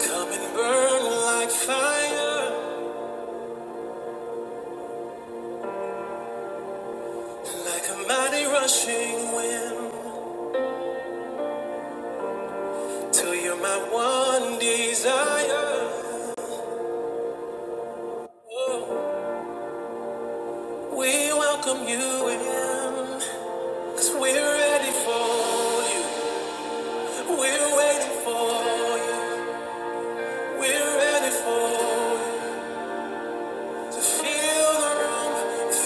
Come and burn like fire, like a mighty rushing wind, till you're my one desire. Oh, we welcome you in, cause we're ready for you. We're waiting for you. We're ready for you. to feel the room,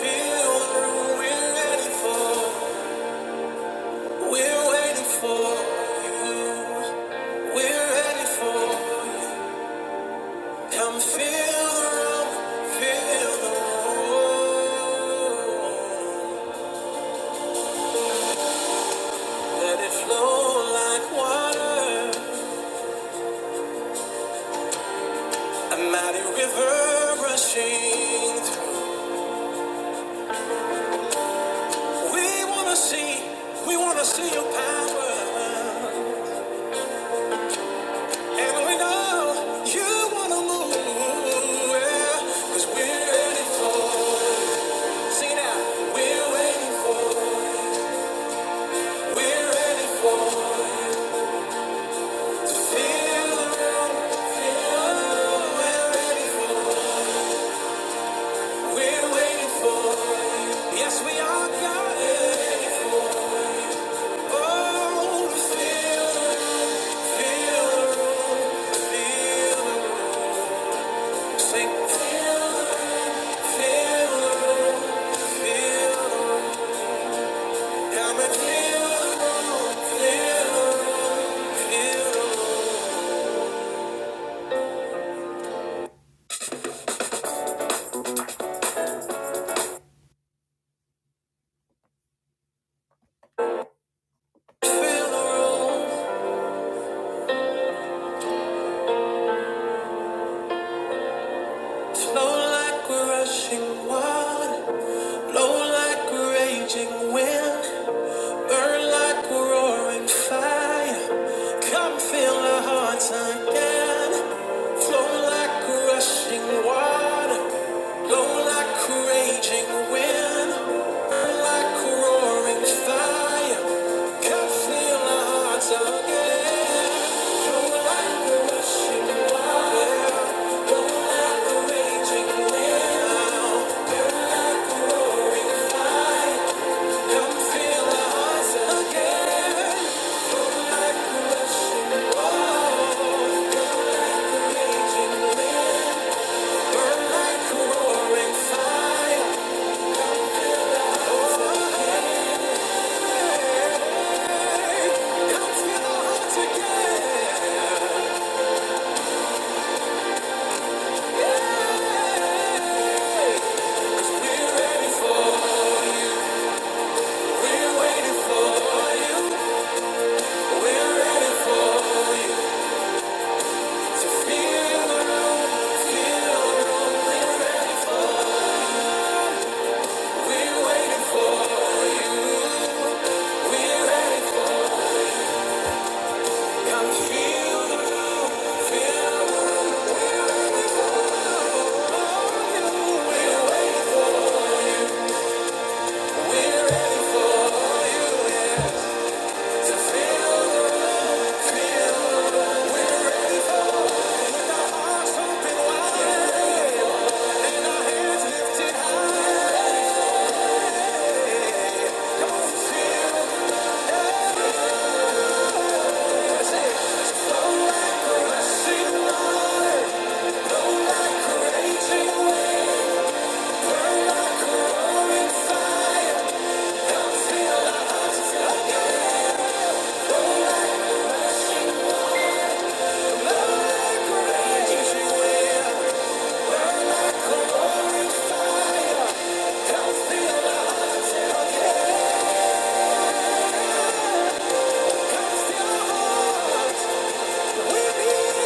feel the room. We're ready for, we're waiting for you. We're ready for you. Come feel the room, feel the room. Let it flow like water, a mighty river rushing through. We wanna see, we wanna see your power, and we know you wanna move. yeah. 'Cause we're ready for, sing it out. We're waiting for, we're ready for. Feel the room, feel the room. We're ready We're waiting for, yes we are God. Oh, feel, feel, feel, sing, feel, feel, come and feel, feel, feel, feel the room. Flow like we're rushing water, flow like we're raging wind. Burn like a roaring fire. Come fill our hearts again. Flow like a rushing water. Blow like a raging wind. Burn like a roaring fire. Come fill our hearts again. Flow like a rushing raging wind. Come fill our hearts again. Like a rushing raging wind. Burn like a roaring fire. Thank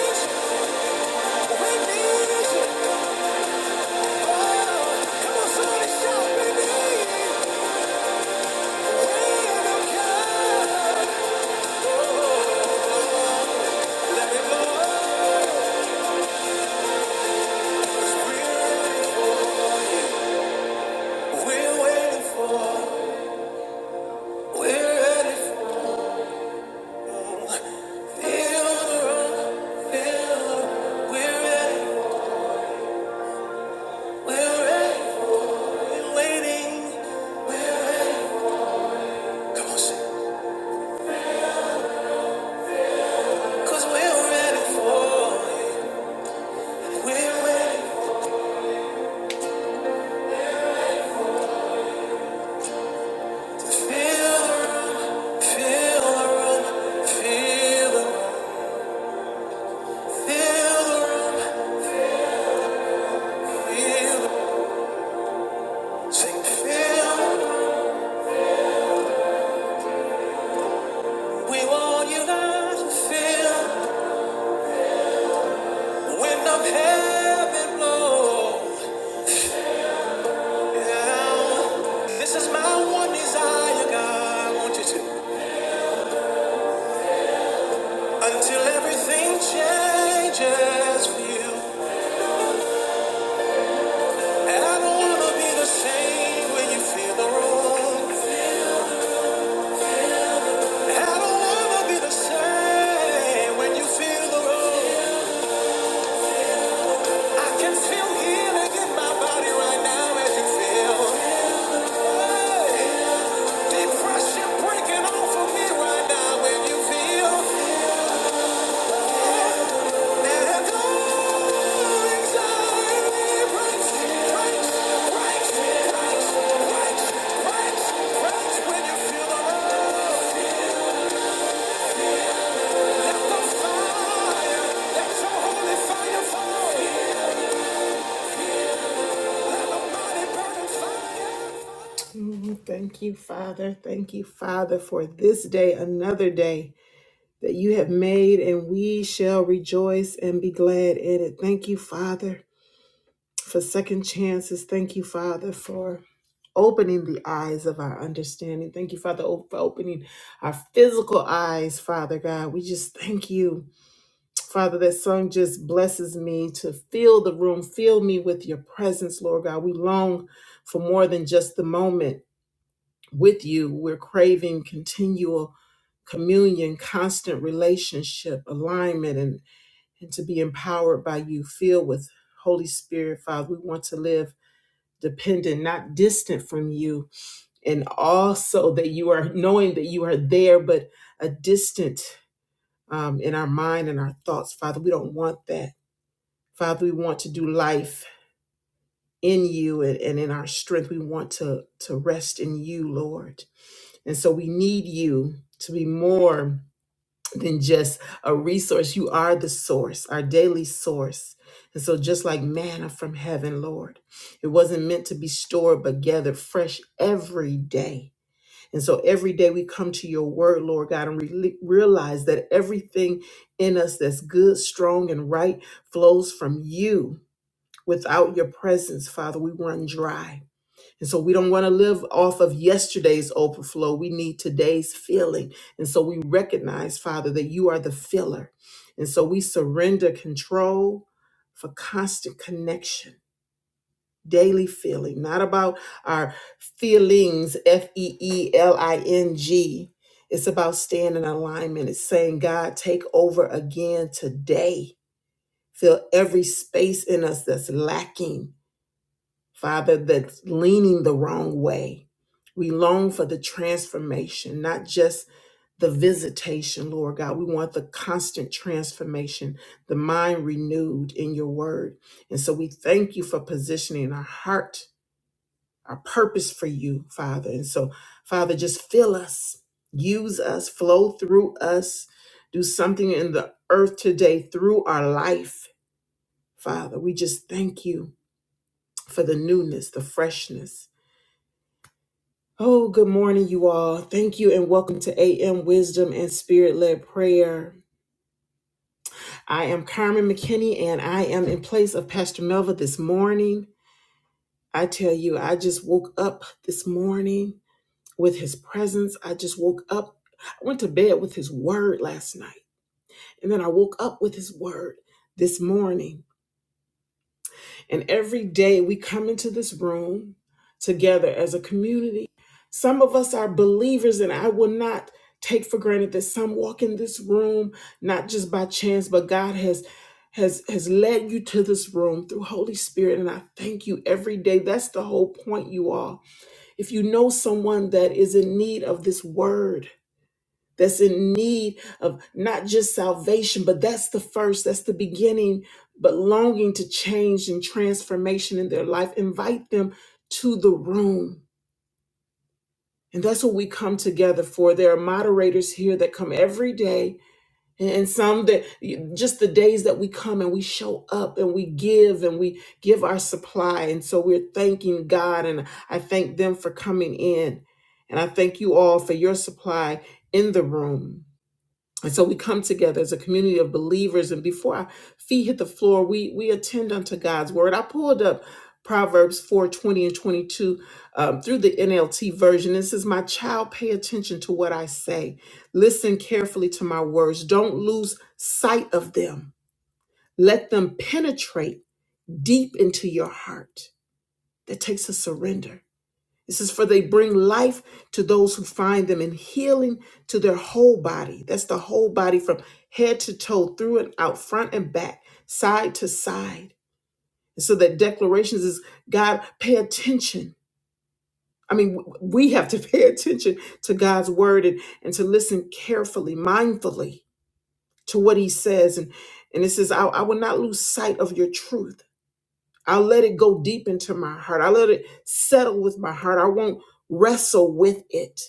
you. Cause we're ready for it. We're ready. Until everything changes for you, and I don't wanna be the same when you feel the wrong. I don't wanna the same when you feel the road. I can feel healing in my body right now as you feel. Depression breaking off me right now when you feel. Let go. Anxiety breaks, breaks, breaks, breaks, breaks, breaks, breaks when you feel the road. Let the fire, let your holy fire fall. Mm, Thank you, Father. Thank you, Father, for this day, another day that you have made, and we shall rejoice and be glad in it. Thank you, Father, for second chances. Thank you, Father, for opening the eyes of our understanding. Thank you, Father, o- for opening our physical eyes, Father God. We just thank you. Father, that song just blesses me to fill the room, fill me with your presence, Lord God. We long for more than just the moment with you. We're craving continual communion, constant relationship, alignment, and, and to be empowered by you, filled with Holy Spirit, Father. We want to live dependent, not distant from you, and also that you are knowing that you are there, but a distant um, in our mind and our thoughts, Father. We don't want that. Father, we want to do life in you and, and in our strength. We want to, to rest in you, Lord. And so we need you to be more than just a resource. You are the source, our daily source. And so, just like manna from heaven, Lord, it wasn't meant to be stored but gathered fresh every day. And so, every day we come to your word, Lord God, and re- realize that everything in us that's good, strong, and right flows from you Without your presence, Father, we run dry. And so we don't want to live off of yesterday's overflow. We need today's filling. And so we recognize, Father, that you are the filler. And so we surrender control for constant connection, daily feeling, not about our feelings, F E E L I N G. It's about staying in alignment. It's saying, God, take over again today. Fill every space in us that's lacking Father, that's leaning the wrong way. We long for the transformation, not just the visitation, Lord God. We want the constant transformation, the mind renewed in your word. And so we thank you for positioning our heart, our purpose for you, Father. And so, Father, just fill us, use us, flow through us, do something in the earth today through our life, Father. We just thank you for the newness, the freshness Oh, good morning, you all. Thank you and welcome to AM Wisdom and Spirit Led Prayer. I am Carmen McKinney and I am in place of Pastor Melva this morning. I tell you, I just woke up this morning with his presence. I just woke up. I went to bed with his word last night and then I woke up with his word this morning. And every day we come into this room together as a community. Some of us are believers, and I will not take for granted that some walk in this room not just by chance, but God has has has led you to this room through Holy Spirit. And I thank you every day. That's the whole point, you all. If you know someone that is in need of this word, that's in need of not just salvation, but that's the first, that's the beginning, but longing to change and transformation in their life. Invite them to the room. And that's what we come together for. There are moderators here that come every day. And and some that just the days that we come and we show up and we give and we give our supply. And so we're thanking God. And I thank them for coming in. And I thank you all for your supply in the room. And so we come together as a community of believers, and before our feet hit the floor, we we attend unto God's word. I pulled up Proverbs 4 20 and 22 um, through the NLT version. It says, my child, pay attention to what I say. Listen carefully to my words. Don't lose sight of them. Let them penetrate deep into your heart. That takes a surrender. This is for they bring life to those who find them and healing to their whole body. That's the whole body from head to toe, through and out, front and back, side to side. And so that declarations is God, pay attention. I mean, w- we have to pay attention to God's word and, and to listen carefully, mindfully to what he says. And, and it says, I, I will not lose sight of your truth. I'll let it go deep into my heart. I'll let it settle with my heart. I won't wrestle with it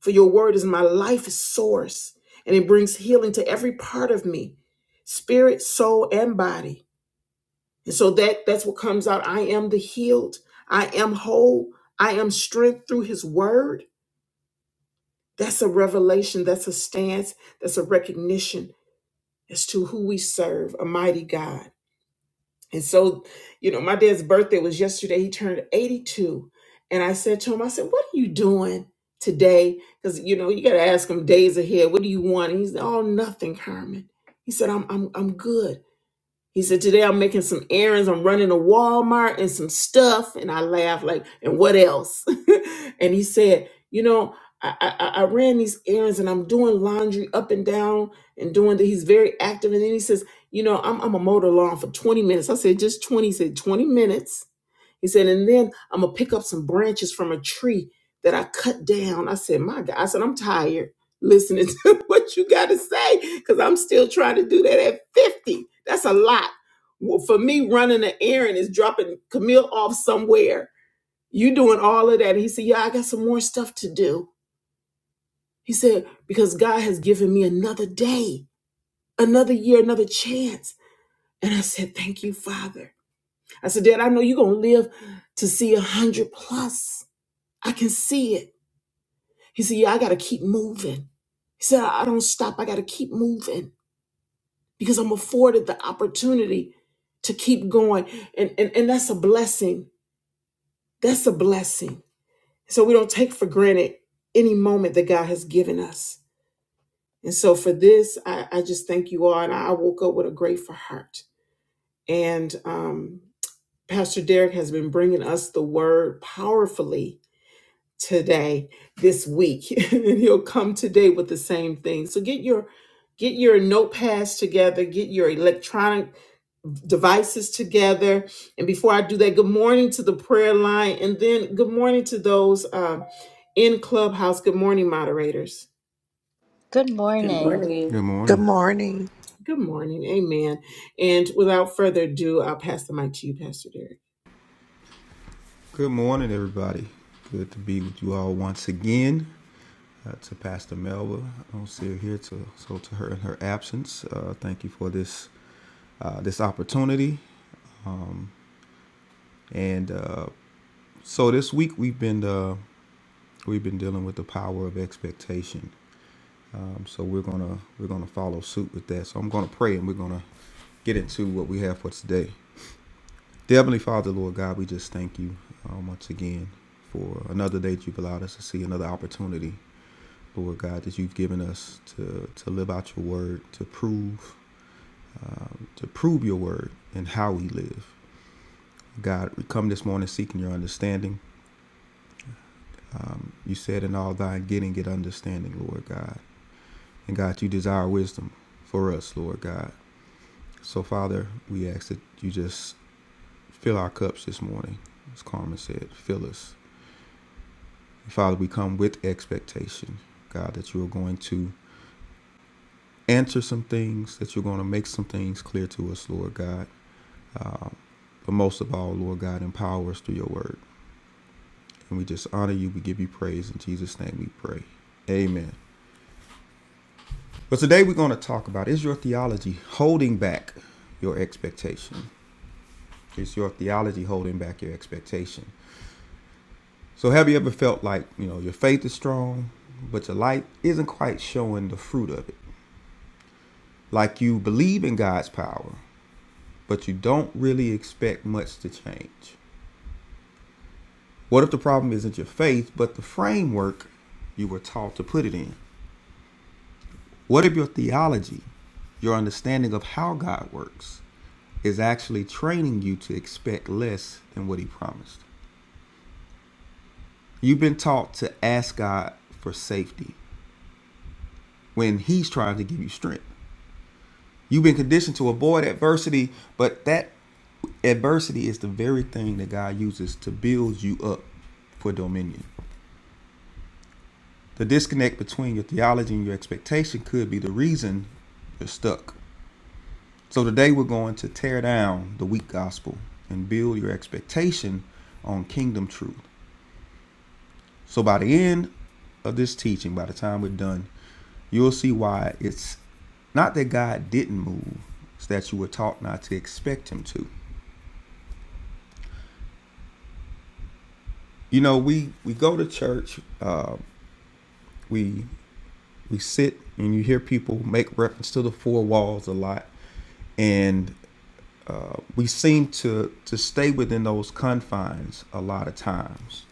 For your word is my life source, and it brings healing to every part of me, spirit, soul, and body. And so that that's what comes out. I am the healed. I am whole. I am strength through his word. That's a revelation. That's a stance. That's a recognition as to who we serve, a mighty God. And so, you know, my dad's birthday was yesterday. He turned 82. And I said to him, I said, What are you doing today? Because, you know, you got to ask him days ahead. What do you want? And he said, Oh, nothing, Carmen. He said, I'm, I'm, I'm good. He said, Today I'm making some errands. I'm running to Walmart and some stuff. And I laughed, like, and what else? and he said, You know, I, I, I ran these errands and I'm doing laundry up and down and doing that. He's very active. And then he says, You know, I'm, I'm a motor lawn for 20 minutes. I said, Just 20. He said, 20 minutes. He said, and then I'm gonna pick up some branches from a tree that I cut down. I said, my God, I said, I'm tired listening to what you gotta say, because I'm still trying to do that at 50. That's a lot. Well, for me, running an errand is dropping Camille off somewhere. You doing all of that. And he said, Yeah, I got some more stuff to do. He said, because God has given me another day, another year, another chance. And I said, Thank you, Father. I said, Dad, I know you're gonna live to see a hundred plus. I can see it. He said, Yeah, I got to keep moving. He said, I I don't stop. I got to keep moving because I'm afforded the opportunity to keep going. And, and, and that's a blessing. That's a blessing. So we don't take for granted any moment that God has given us. And so for this, I, I just thank you all. And I woke up with a grateful heart. And um, Pastor Derek has been bringing us the word powerfully today this week and he'll come today with the same thing so get your get your notepads together get your electronic devices together and before i do that good morning to the prayer line and then good morning to those um, in clubhouse good morning moderators Good Good morning. morning. Good Good morning. morning. good morning amen and without further ado i'll pass the mic to you pastor derek Good morning, everybody. Good to be with you all once again. Uh, to Pastor Melba, I don't see her here, to, so to her in her absence, uh, thank you for this uh, this opportunity. Um, and uh, so this week we've been uh, we've been dealing with the power of expectation. Um, so we're gonna we're gonna follow suit with that. So I'm gonna pray and we're gonna get into what we have for today. Dear Heavenly Father, Lord God, we just thank you um, once again for another day that you've allowed us to see, another opportunity, Lord God, that you've given us to to live out your word, to prove um, to prove your word and how we live. God, we come this morning seeking your understanding. Um, you said in all thy getting get understanding, Lord God. And God, you desire wisdom for us, Lord God. So Father, we ask that you just fill our cups this morning, as Carmen said, fill us Father, we come with expectation, God, that you are going to answer some things, that you're going to make some things clear to us, Lord God. Um, but most of all, Lord God, empower us through your word. And we just honor you. We give you praise. In Jesus' name we pray. Amen. But today we're going to talk about is your theology holding back your expectation? Is your theology holding back your expectation? So have you ever felt like, you know, your faith is strong, but your life isn't quite showing the fruit of it? Like you believe in God's power, but you don't really expect much to change. What if the problem isn't your faith, but the framework you were taught to put it in? What if your theology, your understanding of how God works, is actually training you to expect less than what He promised? You've been taught to ask God for safety when He's trying to give you strength. You've been conditioned to avoid adversity, but that Adversity is the very thing that God uses to build you up for dominion. The disconnect between your theology and your expectation could be the reason you're stuck. So today we're going to tear down the weak gospel and build your expectation on kingdom truth. So by the end of this teaching, by the time we're done, you'll see why it's not that God didn't move, it's that you were taught not to expect him to. You know, we we go to church, uh, we we sit and you hear people make reference to the four walls a lot and uh, we seem to to stay within those confines a lot of times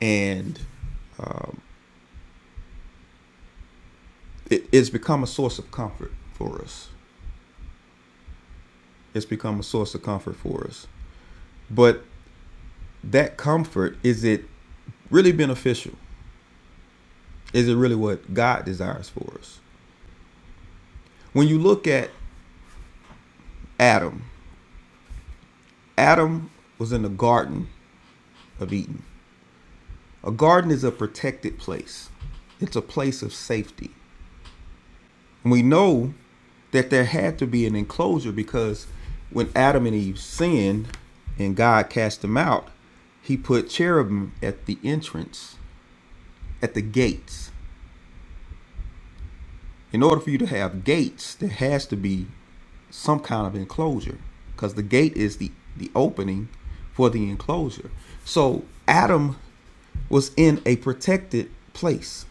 and um, it, it's become a source of comfort for us it's become a source of comfort for us but that comfort is it really beneficial is it really what god desires for us when you look at adam adam was in the garden of eden A garden is a protected place, it's a place of safety. And we know that there had to be an enclosure because when Adam and Eve sinned and God cast them out, he put cherubim at the entrance, at the gates. In order for you to have gates, there has to be some kind of enclosure because the gate is the, the opening for the enclosure. So Adam was in a protected place.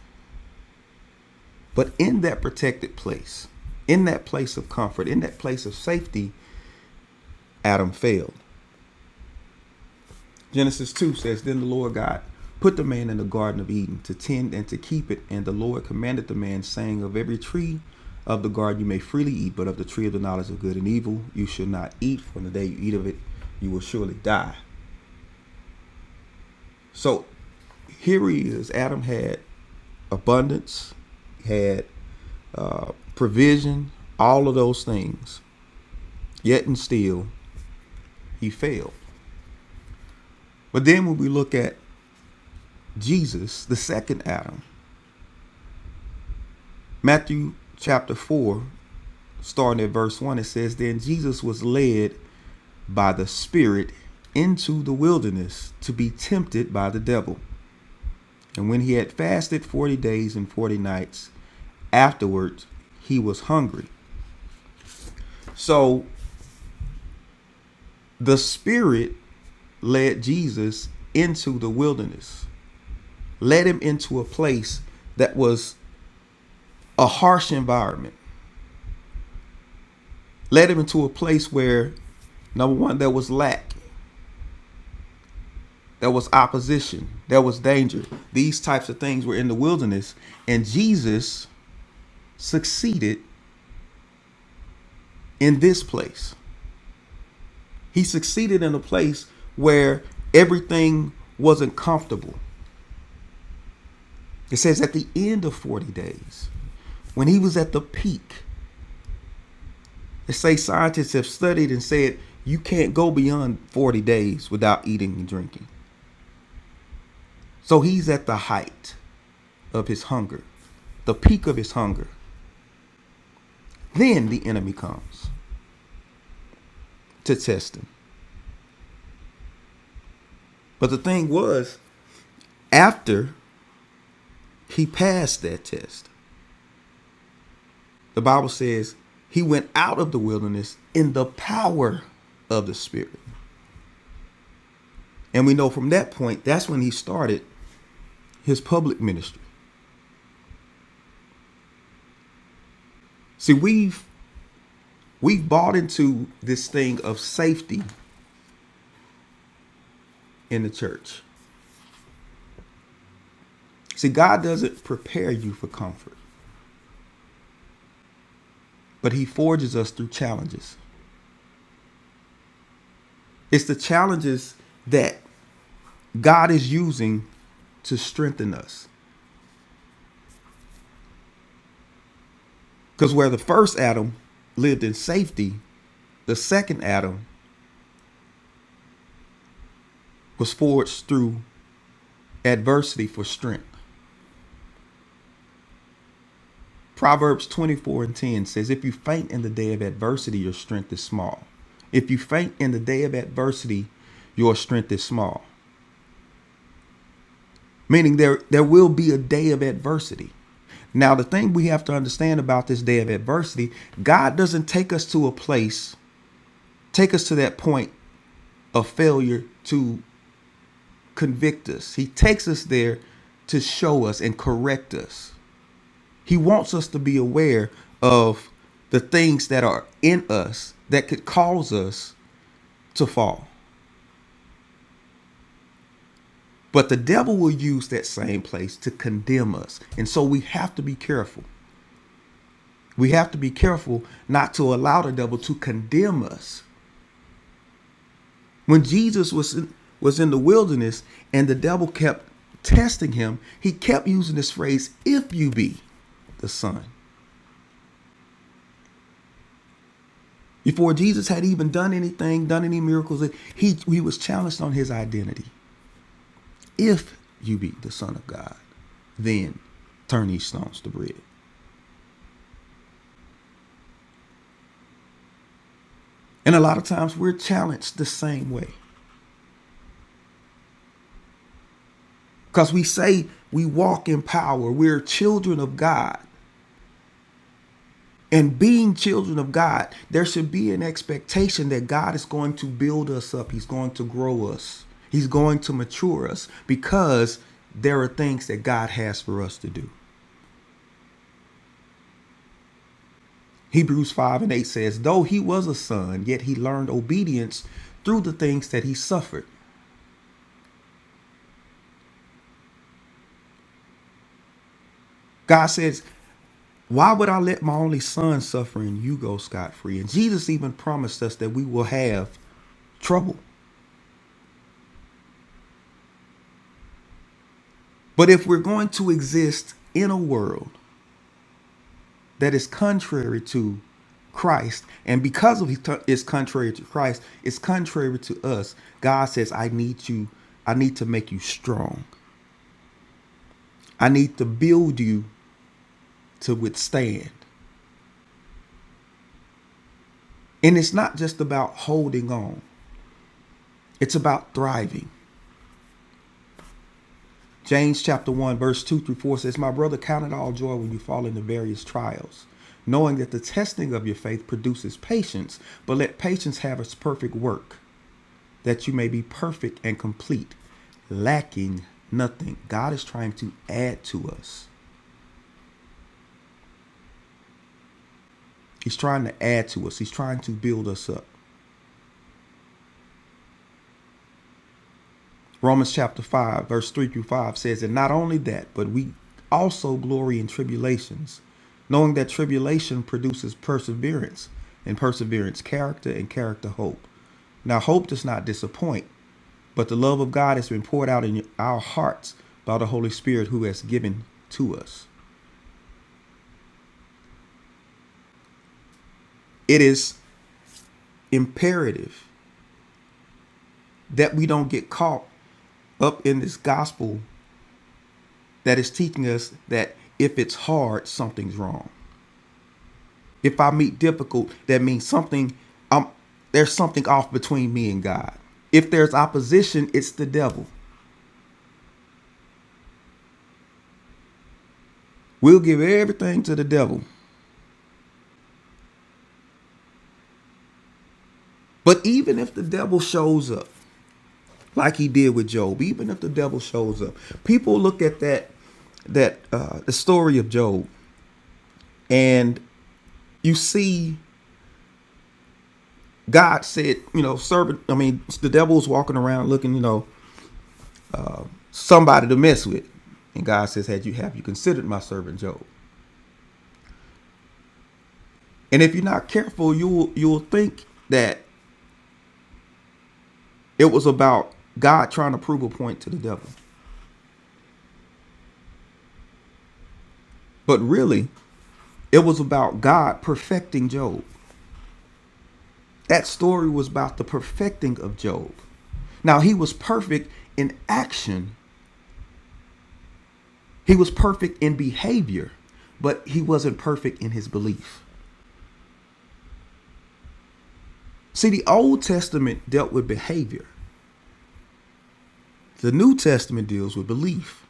But in that protected place, in that place of comfort, in that place of safety, Adam failed. Genesis 2 says, Then the Lord God put the man in the Garden of Eden to tend and to keep it. And the Lord commanded the man, saying, Of every tree of the garden you may freely eat, but of the tree of the knowledge of good and evil you shall not eat. For in the day you eat of it, you will surely die. So here he is. Adam had abundance, had provision, all of those things. Yet and still, he failed. But then when we look at Jesus, the second Adam, Matthew chapter 4, starting at verse 1, it says, Then Jesus was led by the Spirit into the wilderness to be tempted by the devil. And when he had fasted 40 days and 40 nights, afterwards he was hungry. So the Spirit led Jesus into the wilderness, led him into a place that was a harsh environment, led him into a place where number one there was lack there was opposition there was danger these types of things were in the wilderness and jesus succeeded in this place he succeeded in a place where everything wasn't comfortable it says at the end of 40 days when he was at the peak they say scientists have studied and said you can't go beyond 40 days without eating and drinking so he's at the height of his hunger, the peak of his hunger. Then the enemy comes to test him. But the thing was, after he passed that test, the Bible says he went out of the wilderness in the power of the Spirit. And we know from that point, that's when he started his public ministry. See, we've we've bought into this thing of safety in the church. See, God doesn't prepare you for comfort, but he forges us through challenges. It's the challenges that God is using to strengthen us. Because where the first Adam lived in safety, the second Adam was forged through adversity for strength. Proverbs 24 and 10 says, If you faint in the day of adversity, your strength is small. If you faint in the day of adversity, your strength is small. Meaning there, there will be a day of adversity. Now, the thing we have to understand about this day of adversity, God doesn't take us to a place take us to that point of failure to convict us. He takes us there to show us and correct us. He wants us to be aware of the things that are in us that could cause us to fall. But the devil will use that same place to condemn us. And so we have to be careful. We have to be careful not to allow the devil to condemn us When Jesus was in, was in the wilderness and the devil kept testing him, he kept using this phrase, if you be the son. Before Jesus had even done anything, done any miracles, he, he was challenged on his identity. If you be the son of God, then turn these stones to bread. And a lot of times we're challenged the same way because we say we walk in power, we're children of God, And being children of God, there should be an expectation that God is going to build us up. He's going to grow us. He's going to mature us because there are things that God has for us to do. Hebrews 5 and 8 says, Though he was a son, yet he learned obedience through the things that he suffered. God says, Why would I let my only son suffer and you go scot free? And Jesus even promised us that we will have trouble. But if we're going to exist in a world that is contrary to Christ. And because of it's contrary to Christ, it's contrary to us. God says, I need you, I need to make you strong. I need to build you to withstand. And it's not just about holding on, it's about thriving. James chapter 1, verse 2 through 4 says, My brother, count it all joy when you fall into various trials, knowing that the testing of your faith produces patience, but let patience have its perfect work that you may be perfect and complete, lacking nothing. God is trying to add to us. He's trying to add to us. He's trying to build us up. Romans chapter 5, verse 3 through 5 says, And not only that, but we also glory in tribulations, knowing that tribulation produces perseverance, and perseverance, character, and character, hope. Now, hope does not disappoint, but the love of God has been poured out in our hearts by the Holy Spirit who has given to us. It is imperative that we don't get caught up in this gospel that is teaching us that if it's hard, something's wrong. If I meet difficult, that means something I'm there's something off between me and God. If there's opposition, it's the devil. We'll give everything to the devil. But even if the devil shows up, like he did with Job, even if the devil shows up, people look at that that uh, the story of Job, and you see God said, you know, servant. I mean, the devil's walking around looking, you know, somebody to mess with, and God says, "Had you have you considered my servant Job?" And if you're not careful, you will you'll think that it was about God trying to prove a point to the devil, but really, it was about God perfecting Job. That story was about the perfecting of Job. Now he was perfect in action. He was perfect in behavior, but he wasn't perfect in his belief. See, the Old Testament dealt with behavior, the New Testament deals with belief.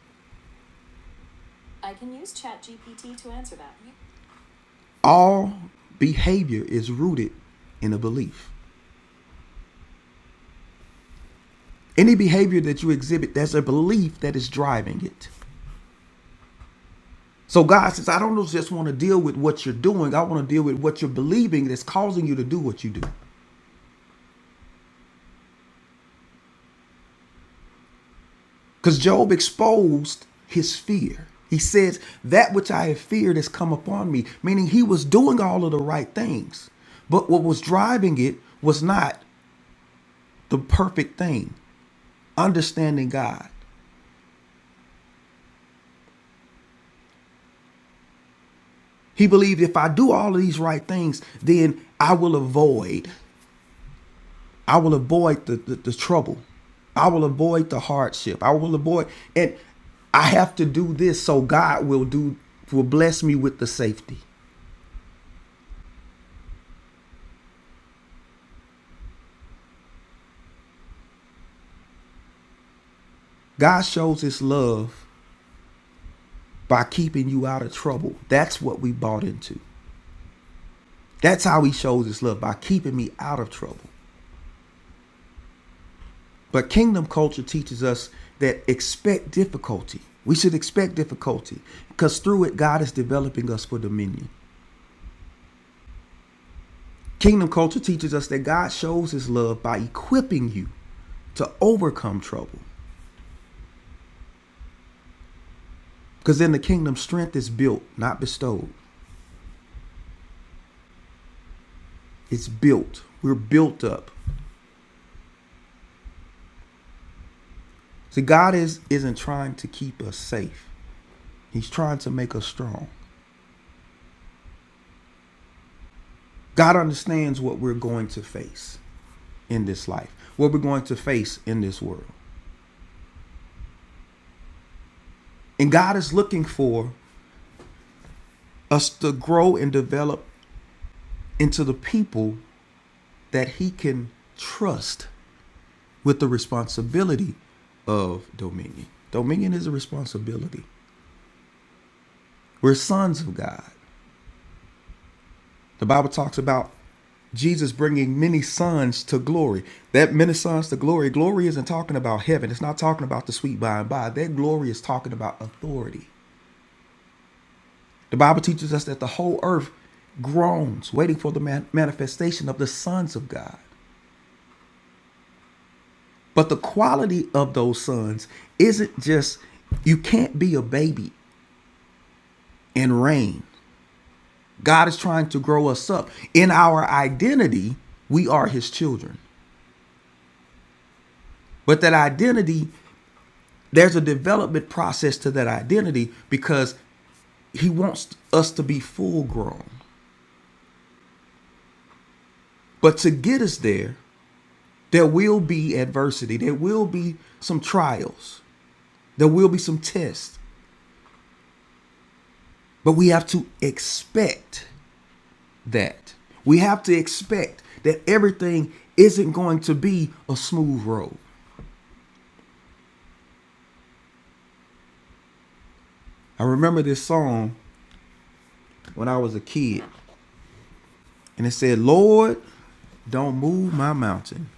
All behavior is rooted in a belief. Any behavior that you exhibit, there's a belief that is driving it. So God says, I don't just want to deal with what you're doing. I want to deal with what you're believing that's causing you to do what you do. Because Job exposed his fear. He says, That which I have feared has come upon me, meaning he was doing all of the right things. But what was driving it was not the perfect thing, understanding God. He believed if I do all of these right things, then I will avoid, I will avoid the, the, the trouble. I will avoid the hardship. I will avoid and I have to do this so God will do will bless me with the safety. God shows his love by keeping you out of trouble. That's what we bought into. That's how he shows his love by keeping me out of trouble. But kingdom culture teaches us that expect difficulty. We should expect difficulty because through it, God is developing us for dominion. Kingdom culture teaches us that God shows his love by equipping you to overcome trouble. Because in the kingdom, strength is built, not bestowed. It's built. We're built up. See, God is, isn't trying to keep us safe, He's trying to make us strong. God understands what we're going to face in this life, what we're going to face in this world. And God is looking for us to grow and develop into the people that He can trust with the responsibility of dominion. Dominion is a responsibility. We're sons of God. The Bible talks about Jesus bringing many sons to glory. That many sons to glory, glory isn't talking about heaven. It's not talking about the sweet by and by. That glory is talking about authority. The Bible teaches us that the whole earth groans, waiting for the man- manifestation of the sons of God. But the quality of those sons isn't just you can't be a baby and reign. God is trying to grow us up. In our identity, we are his children. But that identity, there's a development process to that identity because he wants us to be full grown. But to get us there, there will be adversity, there will be some trials, there will be some tests, but we have to expect that. We have to expect that everything isn't going to be a smooth road. I remember this song when I was a kid, and it said, Lord, don't move my mountain,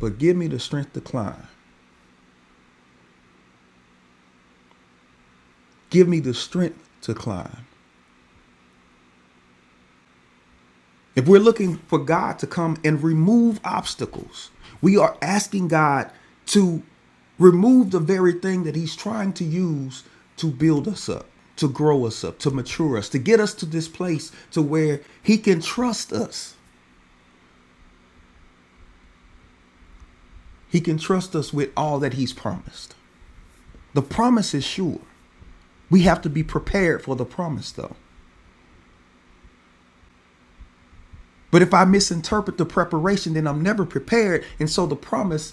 but give me the strength to climb. Give me the strength to climb. If we're looking for God to come and remove obstacles, we are asking God to remove the very thing that He's trying to use to build us up, to grow us up, to mature us, to get us to this place to where He can trust us. He can trust us with all that He's promised. The promise is sure. We have to be prepared for the promise, though. But if I misinterpret the preparation, then I'm never prepared. And so the promise,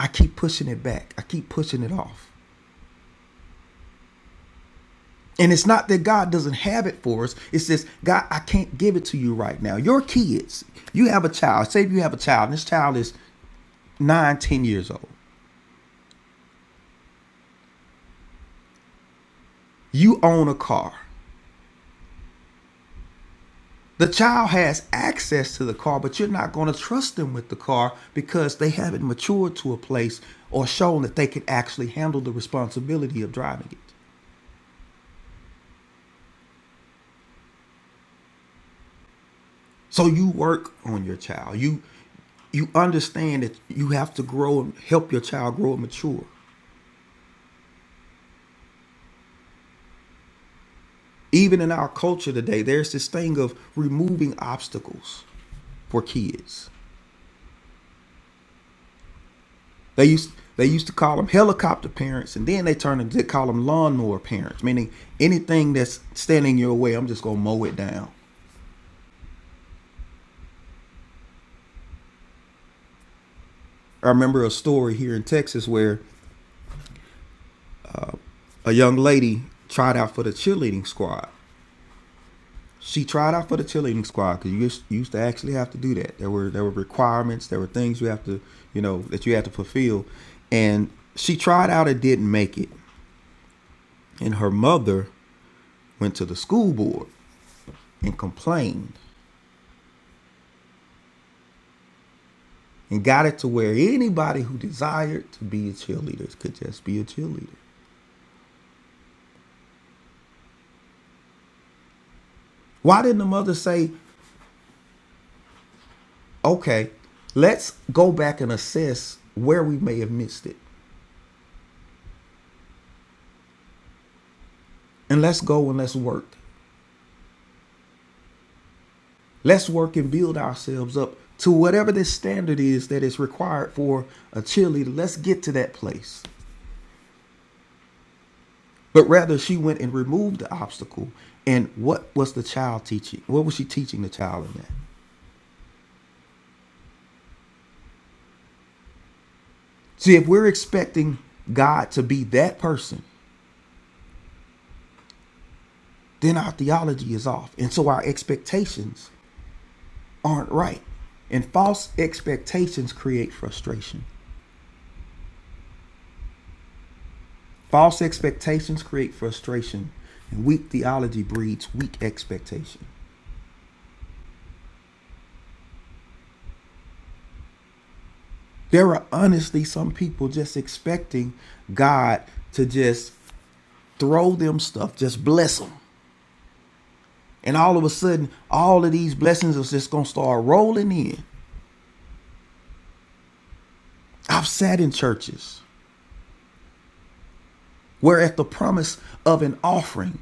I keep pushing it back, I keep pushing it off. And it's not that God doesn't have it for us. It's just, God, I can't give it to you right now. Your kids, you have a child. Say if you have a child, and this child is nine, ten years old. You own a car. The child has access to the car, but you're not going to trust them with the car because they haven't matured to a place or shown that they can actually handle the responsibility of driving it. So you work on your child. You you understand that you have to grow and help your child grow and mature. Even in our culture today, there's this thing of removing obstacles for kids. They used they used to call them helicopter parents, and then they turned and they call them lawnmower parents, meaning anything that's standing your way, I'm just gonna mow it down. I remember a story here in Texas where a young lady tried out for the cheerleading squad. She tried out for the cheerleading squad because you used to actually have to do that. There were there were requirements, there were things you have to you know that you had to fulfill, and she tried out and didn't make it. and her mother went to the school board and complained and got it to where anybody who desired to be a cheerleader could just be a cheerleader. Why didn't the mother say, okay, let's go back and assess where we may have missed it and let's go and let's work? Let's work and build ourselves up to whatever this standard is that is required for a cheerleader. Let's get to that place. But rather, she went and removed the obstacle. And what was the child teaching? What was she teaching the child in that? See, if we're expecting God to be that person, then our theology is off. And so our expectations aren't right. And false expectations create frustration. False expectations create frustration. And weak theology breeds weak expectation. There are honestly some people just expecting God to just throw them stuff, just bless them. And all of a sudden, all of these blessings are just going to start rolling in. I've sat in churches Whereas the promise of an offering,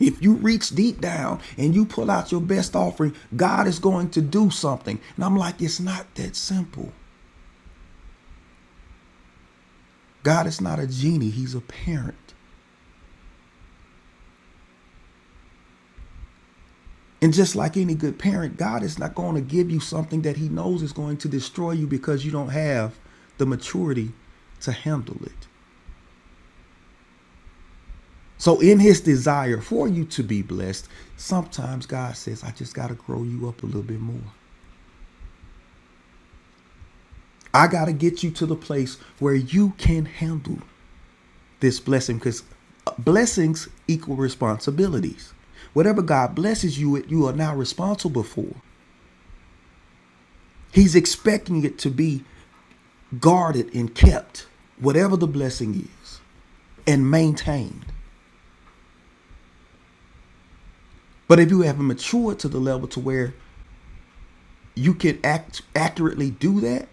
if you reach deep down and you pull out your best offering, God is going to do something. And I'm like, it's not that simple. God is not a genie, He's a parent. And just like any good parent, God is not going to give you something that He knows is going to destroy you because you don't have the maturity to handle it. So, in His desire for you to be blessed, sometimes God says, I just got to grow you up a little bit more. I got to get you to the place where you can handle this blessing because blessings equal responsibilities. Whatever God blesses you with, you are now responsible for. He's expecting it to be guarded and kept, whatever the blessing is, and maintained. But if you haven't matured to the level to where you can act accurately do that,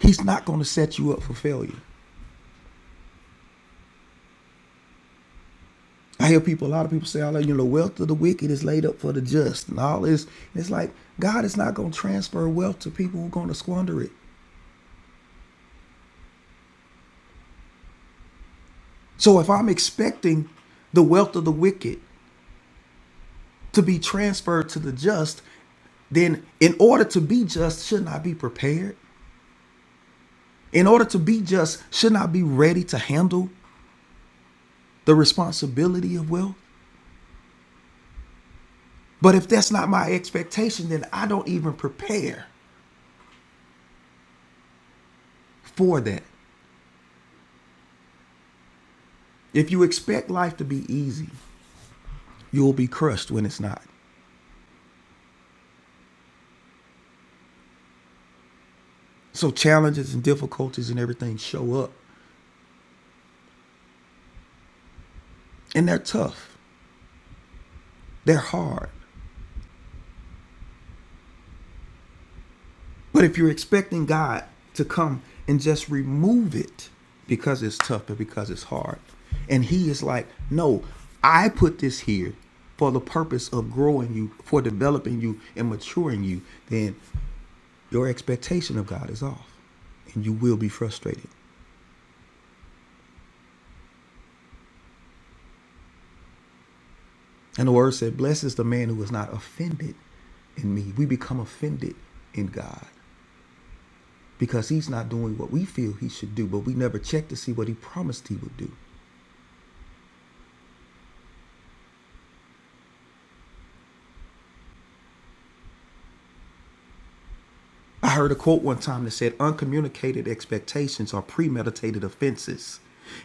he's not going to set you up for failure. I hear people, a lot of people say, "I love you know, the wealth of the wicked is laid up for the just," and all this. It's like God is not going to transfer wealth to people who are going to squander it. So if I'm expecting the wealth of the wicked to be transferred to the just, then in order to be just, shouldn't I be prepared? In order to be just, shouldn't I be ready to handle the responsibility of wealth? But if that's not my expectation, then I don't even prepare for that. If you expect life to be easy, you will be crushed when it's not. So challenges and difficulties and everything show up. And they're tough. They're hard. But if you're expecting God to come and just remove it because it's tough and because it's hard, and He is like, no, I put this here for the purpose of growing you, for developing you and maturing you, then your expectation of God is off and you will be frustrated. And the word said, Blessed is the man who is not offended in me. We become offended in God because he's not doing what we feel he should do, but we never check to see what he promised he would do. I heard a quote one time that said, Uncommunicated expectations are premeditated offenses.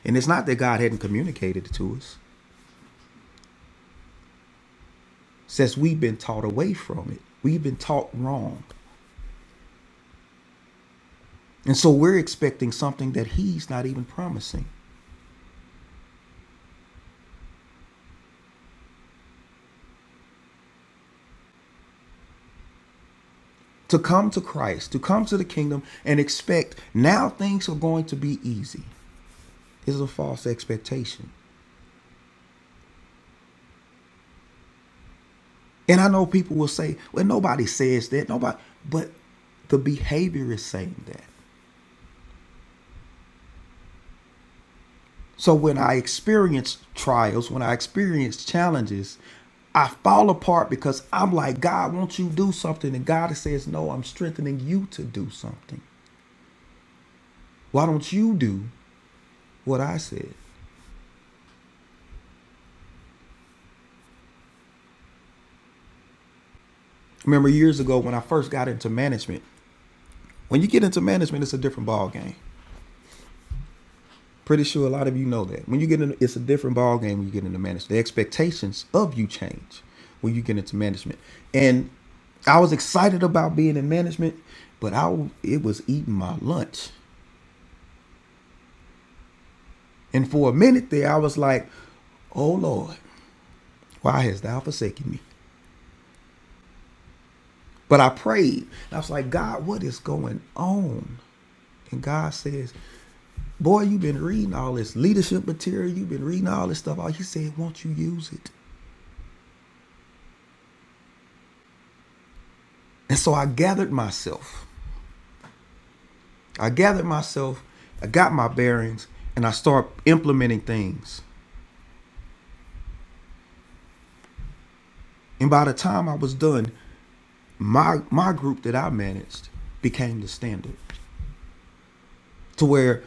And it's not that God hadn't communicated it to us, it's just we've been taught away from it. We've been taught wrong. And so we're expecting something that he's not even promising. to come to Christ, to come to the kingdom and expect now things are going to be easy is a false expectation. And I know people will say, well, nobody says that. Nobody, but the behavior is saying that. So when I experience trials, when I experience challenges, I fall apart because I'm like, God, won't you do something? And God says, No, I'm strengthening you to do something. Why don't you do what I said? Remember years ago when I first got into management, When you get into management, it's a different ball game. Pretty sure a lot of you know that. When you get in, it's a different ball game when you get into management. The expectations of you change when you get into management. And I was excited about being in management, but I it was eating my lunch. And for a minute there, I was like, "Oh Lord, why hast Thou forsaken me?" But I prayed. And I was like, "God, what is going on?" And God says, "Boy, you've been reading all this leadership material. You've been reading all this stuff. All He said, won't you use it?" And so I gathered myself. I gathered myself, I got my bearings, and I start implementing things. And by the time I was done, my my group that I managed became the standard. To where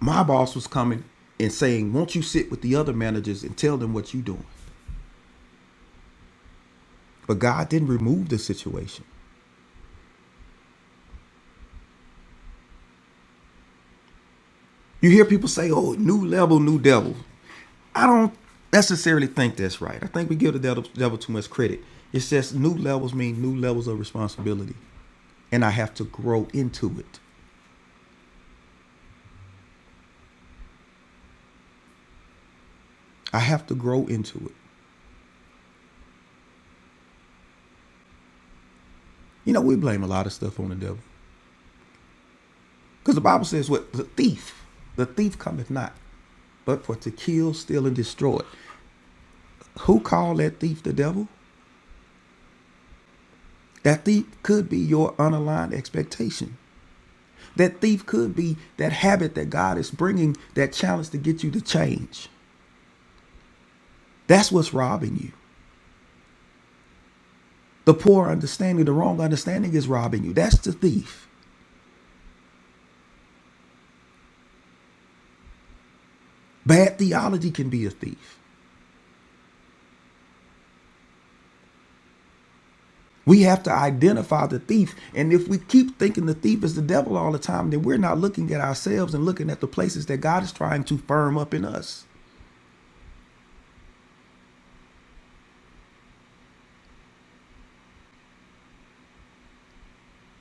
my boss was coming and saying, Won't you sit with the other managers and tell them what you're doing? But God didn't remove the situation. You hear people say, Oh, new level, new devil. I don't necessarily think that's right. I think we give the devil, devil too much credit. It says new levels mean new levels of responsibility. and I have to grow into it. I have to grow into it. You know, we blame a lot of stuff on the devil because the Bible says, "What the thief, the thief cometh not, but for to kill, steal, and destroy." Who called that thief the devil? That thief could be your unaligned expectation. That thief could be that habit that God is bringing that challenge to get you to change. That's what's robbing you. The poor understanding, the wrong understanding is robbing you. That's the thief. Bad theology can be a thief. We have to identify the thief. And if we keep thinking the thief is the devil all the time, then we're not looking at ourselves and looking at the places that God is trying to firm up in us.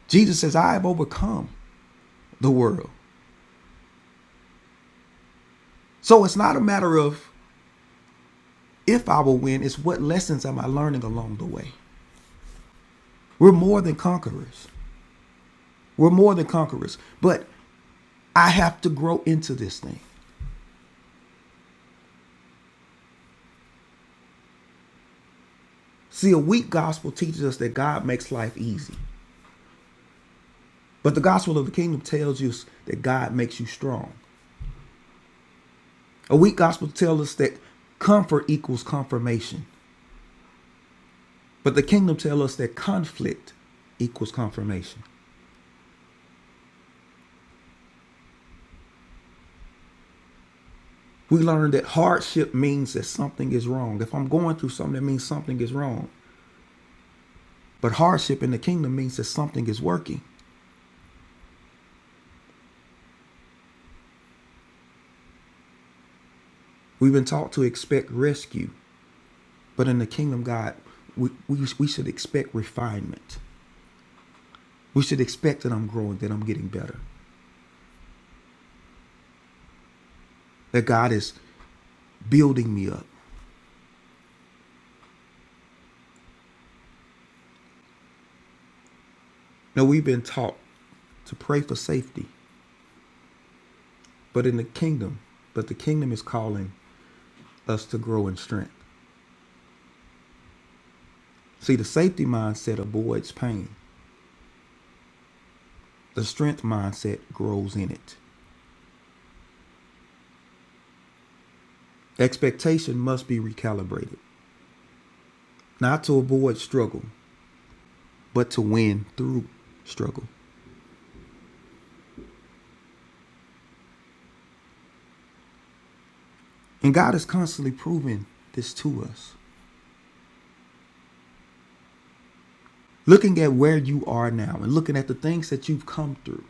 Jesus says, I have overcome the world. So it's not a matter of if I will win, it's what lessons am I learning along the way. We're more than conquerors. We're more than conquerors. But I have to grow into this thing. See, a weak gospel teaches us that God makes life easy. But the gospel of the kingdom tells you that God makes you strong. A weak gospel tells us that comfort equals confirmation, but the kingdom tells us that conflict equals confirmation. We learn that hardship means that something is wrong. If I'm going through something, that means something is wrong. But hardship in the kingdom means that something is working. We've been taught to expect rescue, but in the kingdom, God, we, we, we should expect refinement. We should expect that I'm growing, that I'm getting better, that God is building me up. Now, we've been taught to pray for safety, but in the kingdom, but the kingdom is calling us to grow in strength. See, the safety mindset avoids pain. The strength mindset grows in it. Expectation must be recalibrated, not to avoid struggle, but to win through struggle. And God is constantly proving this to us. Looking at where you are now and looking at the things that you've come through.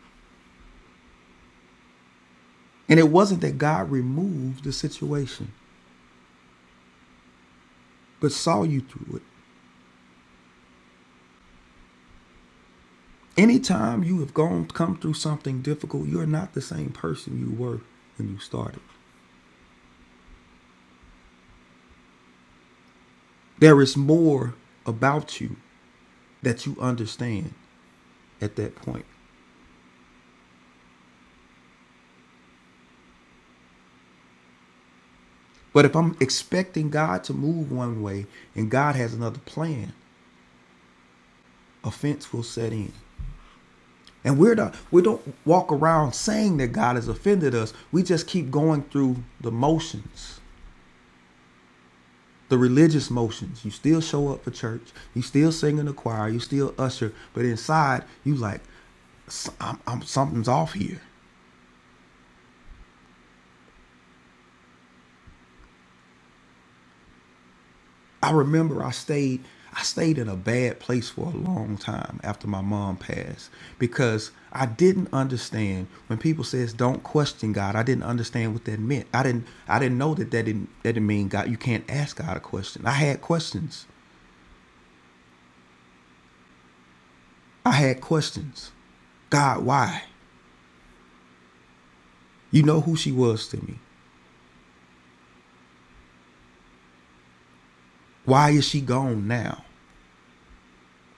And it wasn't that God removed the situation, but saw you through it Anytime you have gone come through something difficult, you're not the same person you were when you started. There is more about you that you understand at that point. But if I'm expecting God to move one way and God has another plan, offense will set in. And we're not we don't walk around saying that God has offended us. We just keep going through the motions the religious motions. You still show up for church. You still sing in the choir. You still usher. But inside, you like, I'm, I'm something's off here. I remember I stayed I stayed in a bad place for a long time after my mom passed because I didn't understand when people says don't question God. I didn't understand what that meant. I didn't I didn't know that that didn't that didn't mean God. You can't ask God a question. I had questions. I had questions. God, why? You know who she was to me. Why is she gone now?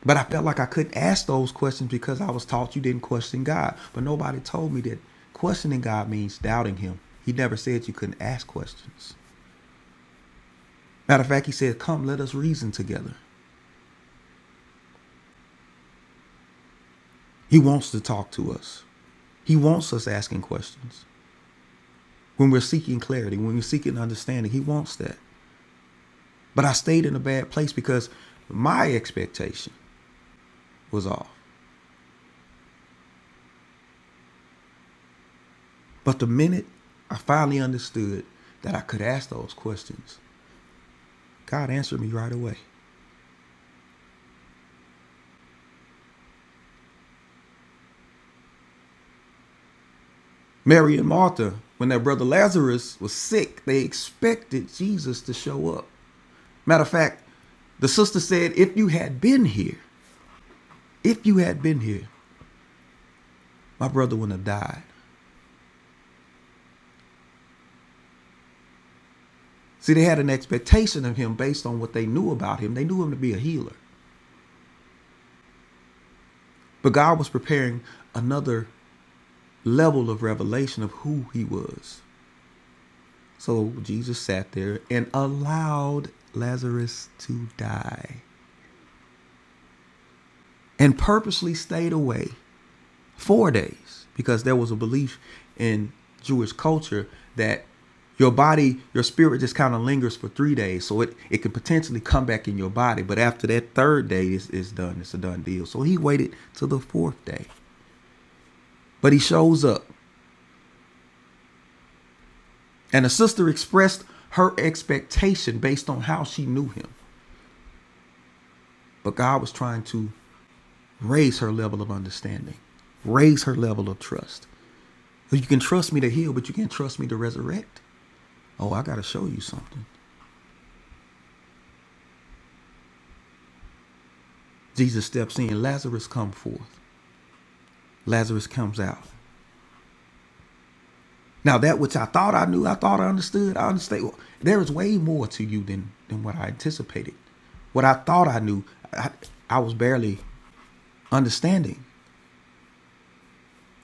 But I felt like I couldn't ask those questions because I was taught you didn't question God. But nobody told me that questioning God means doubting Him. He never said you couldn't ask questions. Matter of fact, He said, Come, let us reason together. He wants to talk to us, He wants us asking questions. When we're seeking clarity, when we're seeking understanding, He wants that. But I stayed in a bad place because my expectation was off. But the minute I finally understood that I could ask those questions, God answered me right away. Mary and Martha, when their brother Lazarus was sick, they expected Jesus to show up. Matter of fact, the sister said, If you had been here, if you had been here, my brother wouldn't have died. See, they had an expectation of him based on what they knew about him. They knew him to be a healer. But God was preparing another level of revelation of who he was. So Jesus sat there and allowed Lazarus to die and purposely stayed away four days because there was a belief in Jewish culture that your body, your spirit just kind of lingers for three days. So it, it can potentially come back in your body. But after that third day, it's, it's done. It's a done deal. So he waited till the fourth day. But he shows up. And the sister expressed her expectation based on how she knew him. But God was trying to raise her level of understanding, raise her level of trust. You can trust me to heal, but you can't trust me to resurrect. Oh, I got to show you something. Jesus steps in, Lazarus come forth. Lazarus comes out. Now that which I thought I knew, I thought I understood, I understand. Well, there is way more to you than than what I anticipated. What I thought I knew, I, I was barely understanding.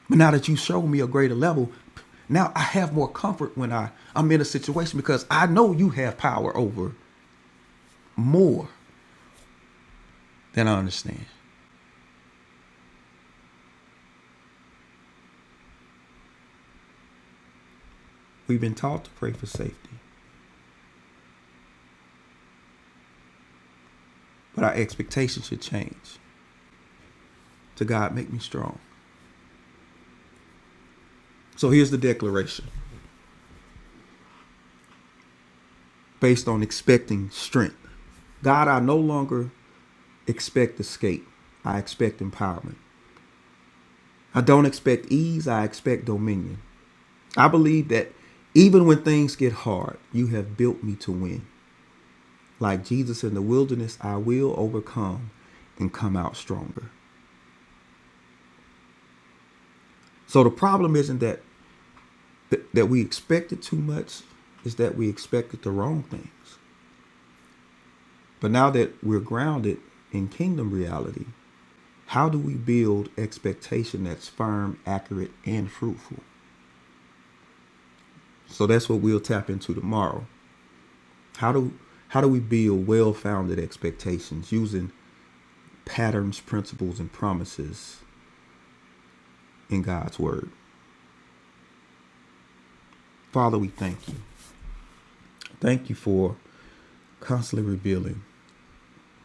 But now that you show me a greater level, now I have more comfort when I I'm in a situation because I know you have power over more than I understand. We've been taught to pray for safety, but our expectations should change. To God, make me strong. So here's the declaration. based on expecting strength. God, I no longer expect escape. I expect empowerment. I don't expect ease. I expect dominion. I believe that even when things get hard, you have built me to win. Like Jesus in the wilderness, I will overcome and come out stronger. So the problem isn't that that we expected too much, is that we expected the wrong things. But now that we're grounded in kingdom reality, How do we build expectation that's firm, accurate, and fruitful? So that's what we'll tap into tomorrow. How do how do we build well-founded expectations using patterns, principles, and promises in God's word? Father, we thank you. Thank you for constantly revealing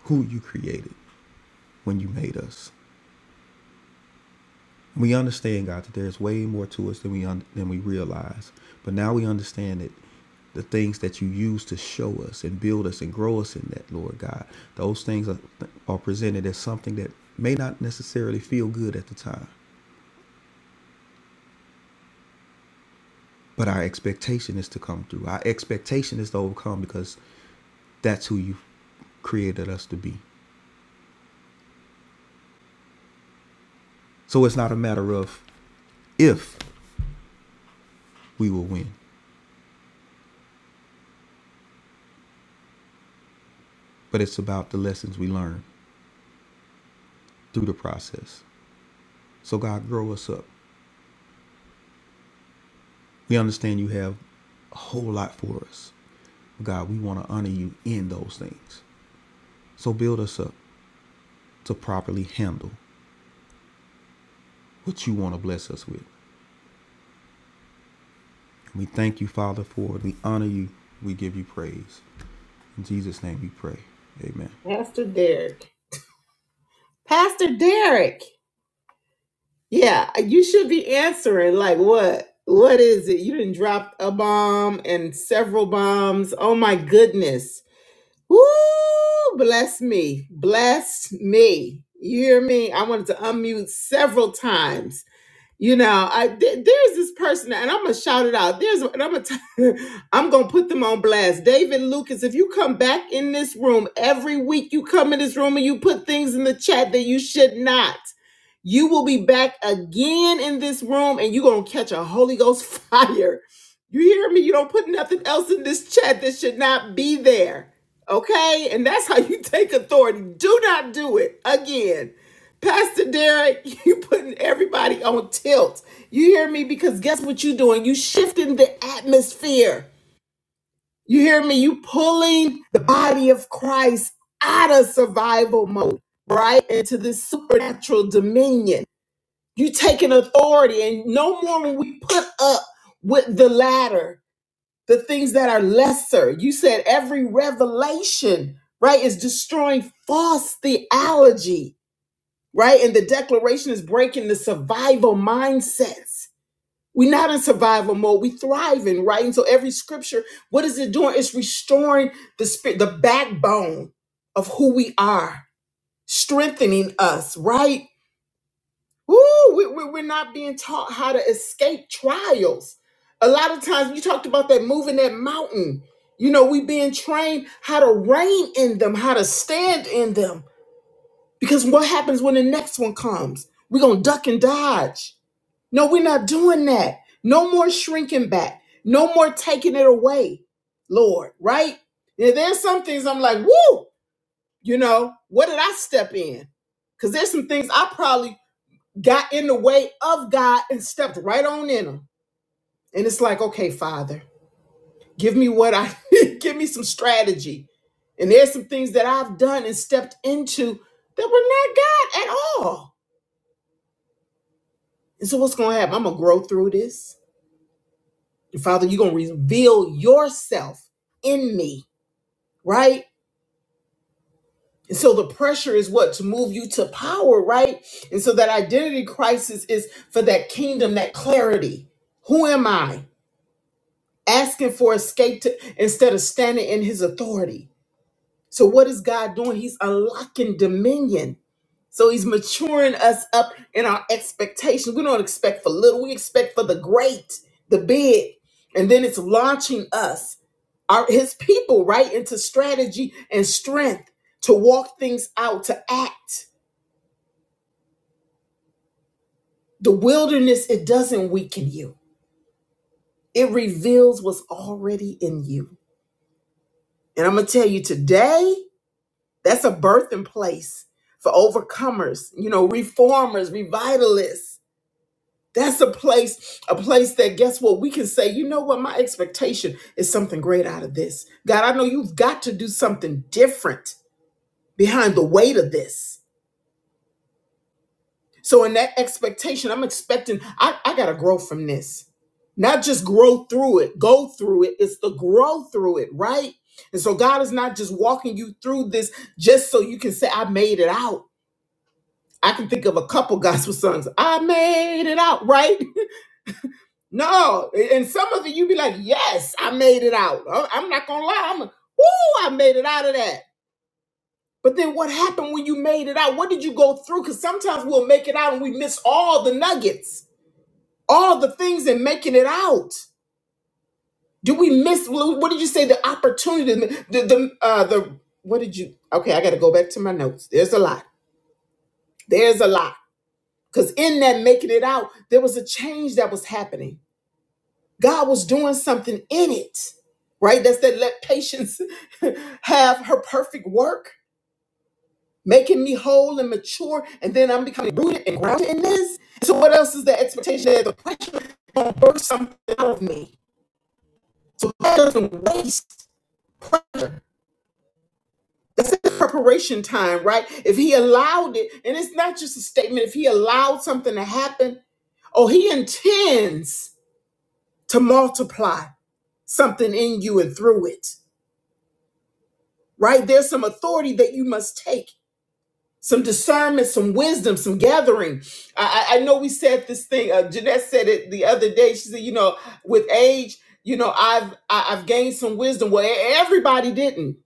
who you created when you made us. We understand, God, that there's way more to us than we un- than we realize. But now we understand that The things that you use to show us and build us and grow us in that, Lord God, those things are, are presented as something that may not necessarily feel good at the time. But our expectation is to come through. Our expectation is to overcome because that's who you created us to be. So it's not a matter of if we will win, but it's about the lessons we learn through the process. So God, grow us up. We understand you have a whole lot for us. God, we want to honor you in those things. So build us up to properly handle what you want to bless us with. And we thank you, Father, for it. We honor you. We give you praise. In Jesus' name we pray. Amen. pastor derek pastor derek Yeah, uh, you should be answering like what? What is it? You didn't drop a bomb and several bombs. Oh my goodness. Woo! Bless me. Bless me. You hear me? I wanted to unmute several times. You know, I th- there's this person, and I'm gonna shout it out. There's, and I'm gonna, t- I'm gonna put them on blast. David Lucas, if you come back in this room every week, you come in this room and you put things in the chat that you should not. You will be back again in this room, and you're gonna catch a Holy Ghost fire. You hear me? You don't put nothing else in this chat that should not be there. Okay, and that's how you take authority. Do not do it again. Pastor Derek, you putting everybody on tilt. You hear me? Because guess what you are doing? You shifting the atmosphere. You hear me? You pulling the body of Christ out of survival mode, right? Into this supernatural dominion. You taking authority, and no more when we put up with the latter, the things that are lesser. You said every revelation, right, is destroying false theology right? And the declaration is breaking the survival mindsets. We're not in survival mode. We thriving, right? And so every scripture, what is it doing? It's restoring the spirit, the backbone of who we are, strengthening us, right? Woo, we, we, we're not being taught how to escape trials. A lot of times, you talked about that moving that mountain. You know, we being trained how to reign in them, how to stand in them because what happens when the next one comes? We're going to duck and dodge. No, we're not doing that. No more shrinking back. No more taking it away, Lord, right? Now, there's some things I'm like, woo, you know, what did I step in? Because there's some things I probably got in the way of God and stepped right on in them. And it's like, okay, Father, give me what I give me some strategy. And there's some things that I've done and stepped into that were not God at all And so, what's going to happen? I'm going to grow through this. And Father, you're going to reveal yourself in me, right? And so, the pressure is what? To move you to power, right? And so, that identity crisis is for that kingdom, that clarity. Who am I? Asking for escape to, instead of standing in his authority. So what is God doing? He's unlocking dominion. So he's maturing us up in our expectations. We don't expect for little, we expect for the great, the big. And then it's launching us, our his people, right, into strategy and strength to walk things out, to act. The wilderness, it doesn't weaken you. It reveals what's already in you. And I'm gonna tell you today. That's a birthing place for overcomers, you know, reformers, revitalists. That's a place, a place that guess what? We can say, you know what? My expectation is something great out of this. God, I know you've got to do something different behind the weight of this. So, in that expectation, I'm expecting, I, I got to grow from this. Not just grow through it, go through it. It's the grow through it, right? And so, God is not just walking you through this just so you can say, I made it out. I can think of a couple gospel songs. I made it out, right? No, and some of it you be like, yes, I made it out. I'm I'm not gonna lie, I'm, woo, I made it out of that. But then what happened when you made it out? What did you go through? Because sometimes we'll make it out and we miss all the nuggets, all the things in making it out. Do we miss? What did you say? The opportunity, the the uh, the what did you? Okay, I got to go back to my notes. There's a lot. There's a lot. Because in that making it out, there was a change that was happening God was doing something in it, right? That's that let patience have her perfect work, making me whole and mature, and then I'm becoming rooted and grounded in this. So what else is the expectation that the pressure going to burst something out of me? So God doesn't waste pressure. That's the preparation time, right? If He allowed it, and it's not just a statement. If He allowed something to happen, oh, He intends to multiply something in you and through it. right? There's some authority that you must take, some discernment, some wisdom, some gathering. I, I I know we said this thing. Uh, Jeanette said it the other day. She said, you know, with age, you know, I've I- I've gained some wisdom. Well, e- everybody didn't.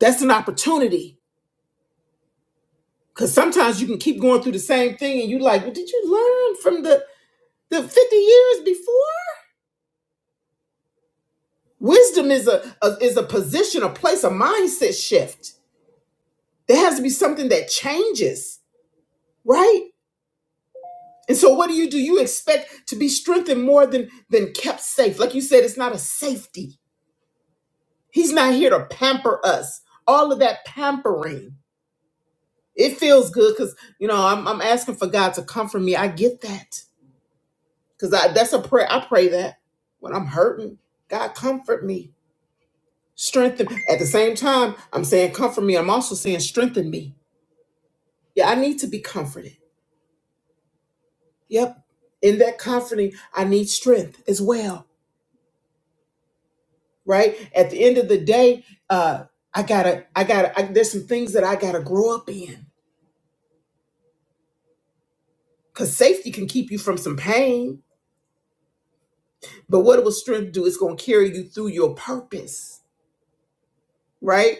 That's an opportunity because sometimes you can keep going through the same thing, and you're like, well, did you learn from the the 50 years before? Wisdom is a, a is a position, a place, a mindset shift. There has to be something that changes, right? And so what do you do? You expect to be strengthened more than than kept safe. Like you said, it's not a safety. He's not here to pamper us. All of that pampering. It feels good because you know I'm I'm asking for God to comfort me. I get that. Because I that's a prayer. I pray that when I'm hurting. God comfort me. Strengthen. At the same time, I'm saying comfort me. I'm also saying strengthen me. Yeah, I need to be comforted. Yep. In that comforting, I need strength as well right? At the end of the day, uh, I gotta, I gotta, I, there's some things that I gotta grow up in. Cause safety can keep you from some pain, but what will strength do? It's gonna carry you through your purpose, right?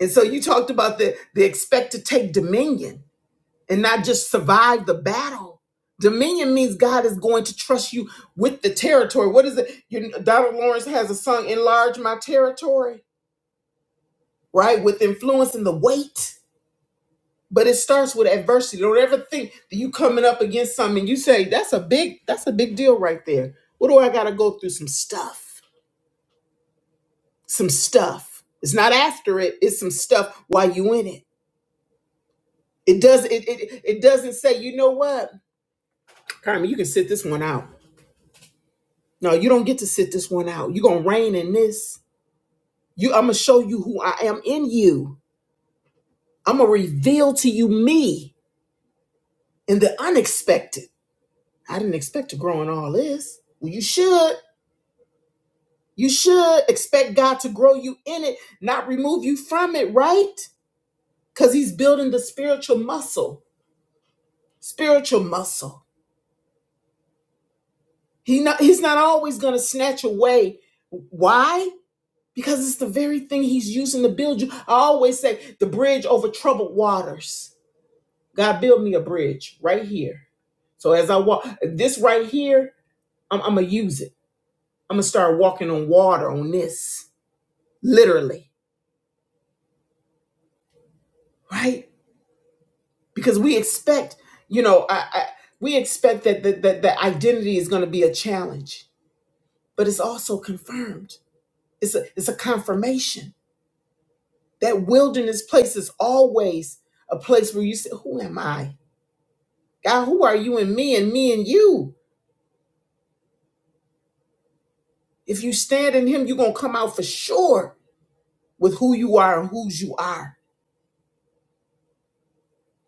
And so you talked about the the expect to take dominion and not just survive the battle. Dominion means God is going to trust you with the territory. What is it? You, Donald Lawrence has a song, "Enlarge My Territory," right? With influence and the weight But it starts with adversity. Don't ever think that you coming up against something and you say, that's a big, that's a big deal right there. What do I gotta go through? Some stuff. Some stuff. It's not after it, it's some stuff while you in it. It does it it, it doesn't say, you know what? Carmen, you can sit this one out. No, you don't get to sit this one out. You're gonna reign in this. You I'm gonna show you who I am in you. I'm gonna reveal to you me in the unexpected. I didn't expect to grow in all this. Well, you should. You should expect God to grow you in it, not remove you from it, right? Because He's building the spiritual muscle. Spiritual muscle. He not, he's not always going to snatch away. Why? Because it's the very thing He's using to build you. I always say the bridge over troubled waters. God, build me a bridge right here. So as I walk, this right here, I'm, I'm going to use it. I'm going to start walking on water on this, literally, right? because we expect you know I, I, we expect that that that that identity is going to be a challenge but it's also confirmed it's a it's a confirmation that wilderness place is always a place where you say who am i god who are you and me and me and you if you stand in him you're going to come out for sure with who you are and whose you are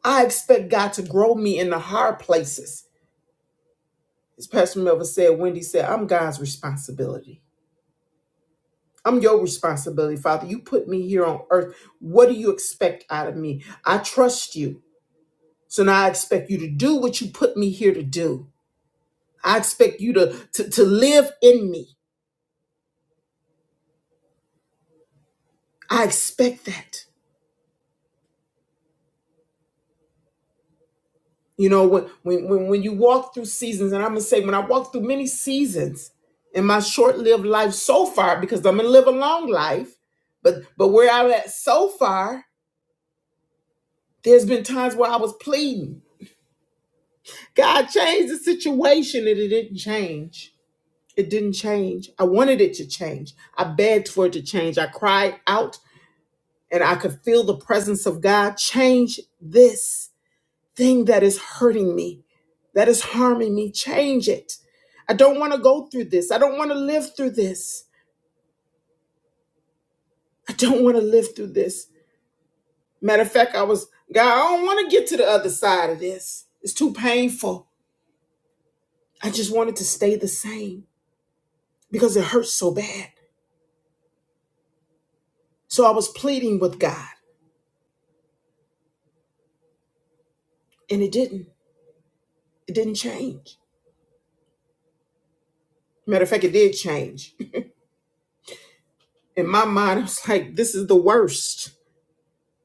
i expect god to grow me in the hard places as pastor melvin said wendy said i'm god's responsibility I'm your responsibility, Father. You put me here on earth. What do you expect out of me? I trust you. So now I expect you to do what you put me here to do. I expect you to, to, to live in me. I expect that. You know, when, when, when, when you walk through seasons, and I'm going to say, when I walk through many seasons in my short lived life so far, because I'm going to live a long life, but, but where I'm at so far, there's been times where I was pleading. God changed the situation and it didn't change. It didn't change. I wanted it to change. I begged for it to change. I cried out and I could feel the presence of God change this thing that is hurting me, that is harming me. Change it. I don't want to go through this. I don't want to live through this. I don't want to live through this. Matter of fact, I was, God, I don't want to get to the other side of this. It's too painful. I just wanted to stay the same because it hurts so bad. So I was pleading with God and it didn't. It didn't change. Matter of fact, it did change. In my mind, I was like, this is the worst.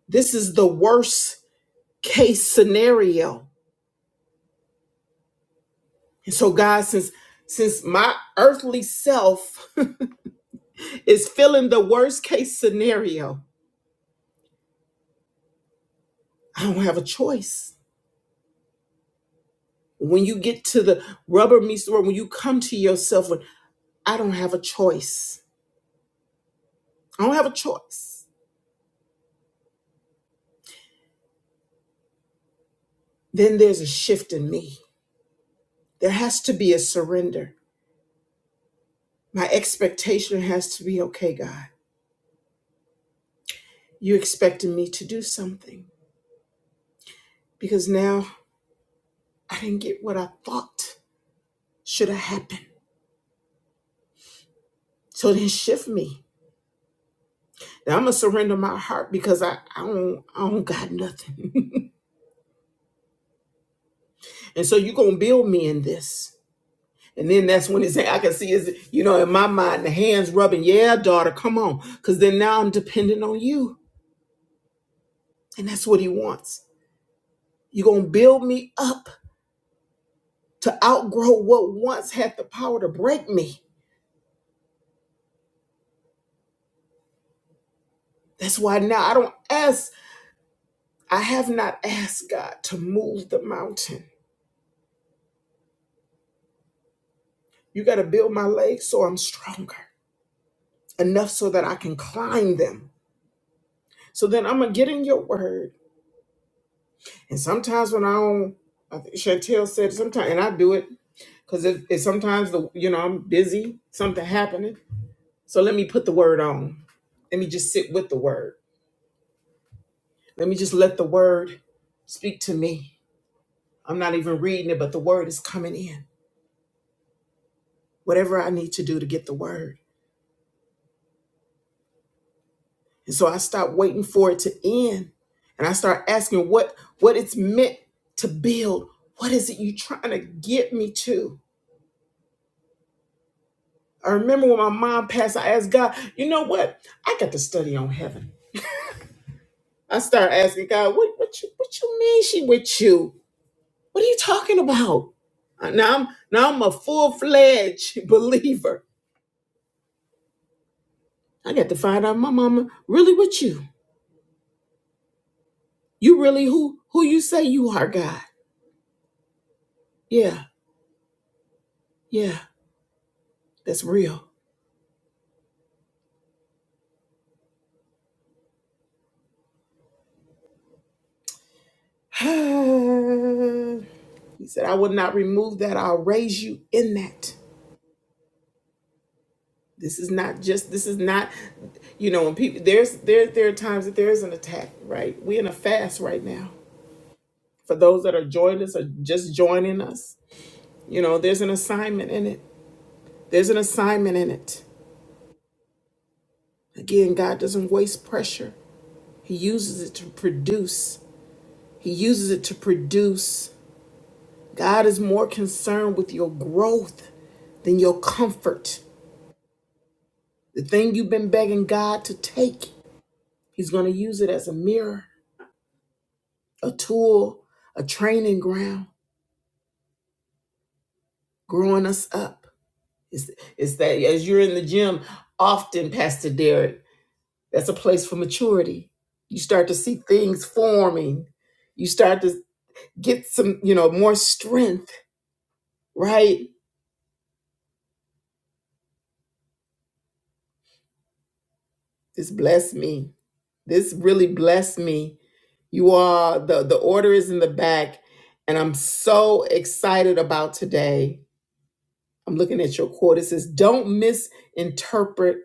This is the worst case scenario. And so God, since since my earthly self is feeling the worst case scenario, I don't have a choice. When you get to the rubber meets the road, when you come to yourself, when I don't have a choice. I don't have a choice. Then there's a shift in me. There has to be a surrender. My expectation has to be okay, God. You expected me to do something because now I didn't get what I thought should have happened. So then shift me. Now I'm gonna surrender my heart because I, I don't I don't got nothing. and so you're gonna build me in this. And then that's when it's I can see is you know in my mind the hands rubbing, yeah, daughter, come on. Cause then now I'm dependent on you. And that's what he wants. You're gonna build me up to outgrow what once had the power to break me. That's why now I don't ask I have not asked God to move the mountain. You got to build my legs so I'm stronger, enough so that I can climb them. So then I'm going to get in your word. And sometimes when I don't, I think Chantel said sometimes, and I do it because if, if sometimes the you know I'm busy, something happening. So let me put the word on. Let me just sit with the word. Let me just let the word speak to me. I'm not even reading it, but the word is coming in. Whatever I need to do to get the word. And so I stopped waiting for it to end. And I start asking what what it's meant to build. What is it you trying to get me to? I remember when my mom passed, I asked God, you know what? I got to study on heaven. I start asking God, what what you what you mean she with you? What are you talking about? Uh, Now I'm now I'm a full-fledged believer. I got to find out my mama really with you. You really who who you say you are, God. Yeah, yeah, that's real. he said, I will not remove that. I'll raise you in that. This is not just, this is not, you know, when people, there's, there, there are times that there is an attack, right? We're in a fast right now. For those that are joining us or just joining us, you know, there's an assignment in it. There's an assignment in it. Again, God doesn't waste pressure. He uses it to produce. He uses it to produce. God is more concerned with your growth than your comfort. The thing you've been begging God to take, He's going to use it as a mirror, a tool, a training ground, growing us up. It's, it's that as you're in the gym, often, Pastor Derek, that's a place for maturity. You start to see things forming. You start to get some, you know, more strength, right? This blessed me. This really blessed me. You are the the order is in the back, and I'm so excited about today I'm looking at your quote. It says, Don't misinterpret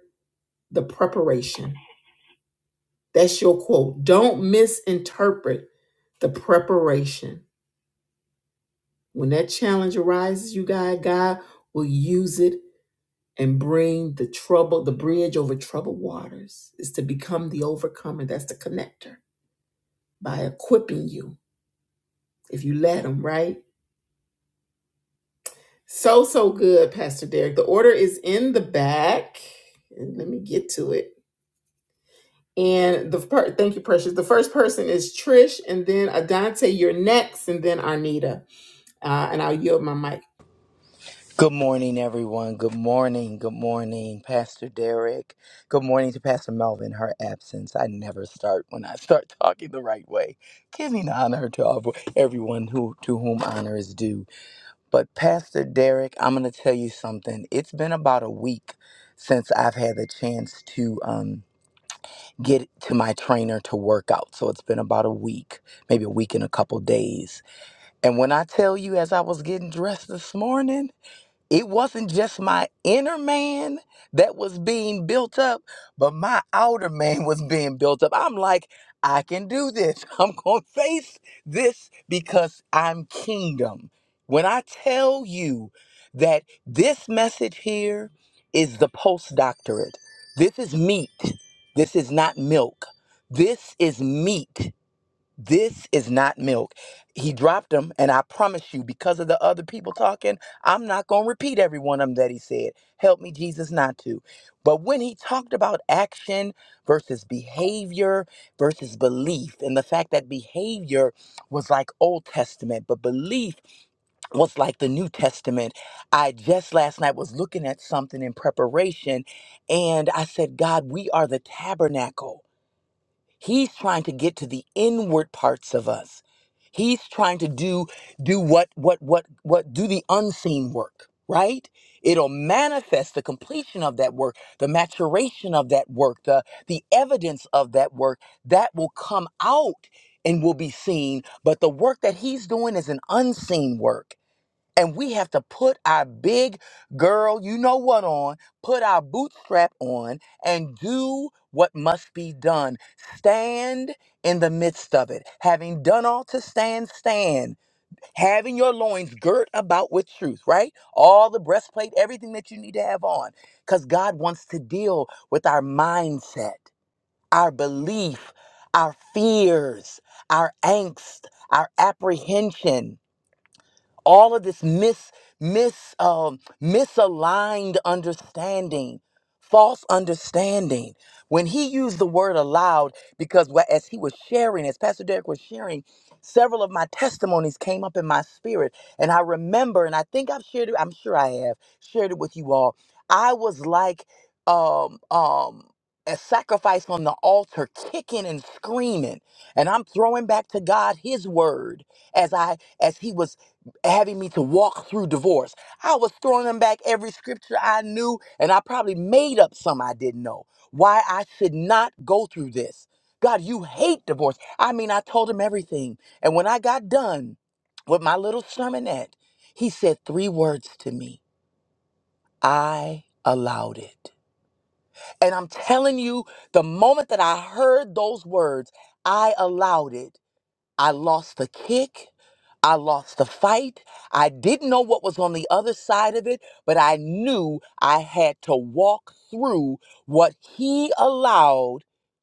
the preparation. That's your quote. Don't misinterpret the preparation. When that challenge arises, you guys, God will use it and bring the trouble, the bridge over troubled waters. Is to become the overcomer. That's the connector by equipping you if you let Him, right? So, so good, Pastor Derek. The order is in the back. And let me get to it. And the per- thank you, Precious. The first person is Trish, and then Adante. You're next, and then Arnita. Uh, and I'll yield my mic. Good morning, everyone. Good morning. Good morning, Pastor Derek. Good morning to Pastor Melvin. Her absence. I never start when I start talking the right way. Giving honor to all- everyone who to whom honor is due. But Pastor Derek, I'm going to tell you something. It's been about a week since I've had the chance to um, get to my trainer to work out. So it's been about a week, maybe a week and a couple days. And when I tell you, as I was getting dressed this morning. It wasn't just my inner man that was being built up, but my outer man was being built up. I'm like, I can do this. I'm going to face this because I'm kingdom. When I tell you that this message here is the postdoctorate, this is meat, this is not milk. This is meat. This is not milk. He dropped them, and I promise you, because of the other people talking, I'm not going to repeat every one of them that he said. Help me, Jesus, not to. But when he talked about action versus behavior versus belief, and the fact that behavior was like Old Testament, but belief was like the New Testament, I just last night was looking at something in preparation, and I said, God, we are the tabernacle He's trying to get to the inward parts of us. He's trying to do do what what what what do the unseen work, right? It'll manifest the completion of that work, the maturation of that work, the the evidence of that work that will come out and will be seen, but the work that he's doing is an unseen work. And we have to put our big girl, you know what, on, put our bootstrap on, and do what must be done. Stand in the midst of it. Having done all to stand, stand. Having your loins girt about with truth, right? All the breastplate, everything that you need to have on. Because God wants to deal with our mindset, our belief, our fears, our angst, our apprehension all of this mis mis um, misaligned understanding false understanding when he used the word aloud because wha- as he was sharing as pastor derek was sharing several of my testimonies came up in my spirit and i remember and i think i've shared it i'm sure i have shared it with you all i was like um um a sacrifice on the altar kicking and screaming and i'm throwing back to god his word as i as he was having me to walk through divorce. I was throwing them back every scripture I knew, and I probably made up some I didn't know. Why I should not go through this. God, you hate divorce. I mean, I told him everything. And when I got done with my little sermonette, he said three words to me I allowed it. And I'm telling you, the moment that I heard those words, I allowed it. I lost the kick. I lost the fight. I didn't know what was on the other side of it, but I knew I had to walk through what he allowed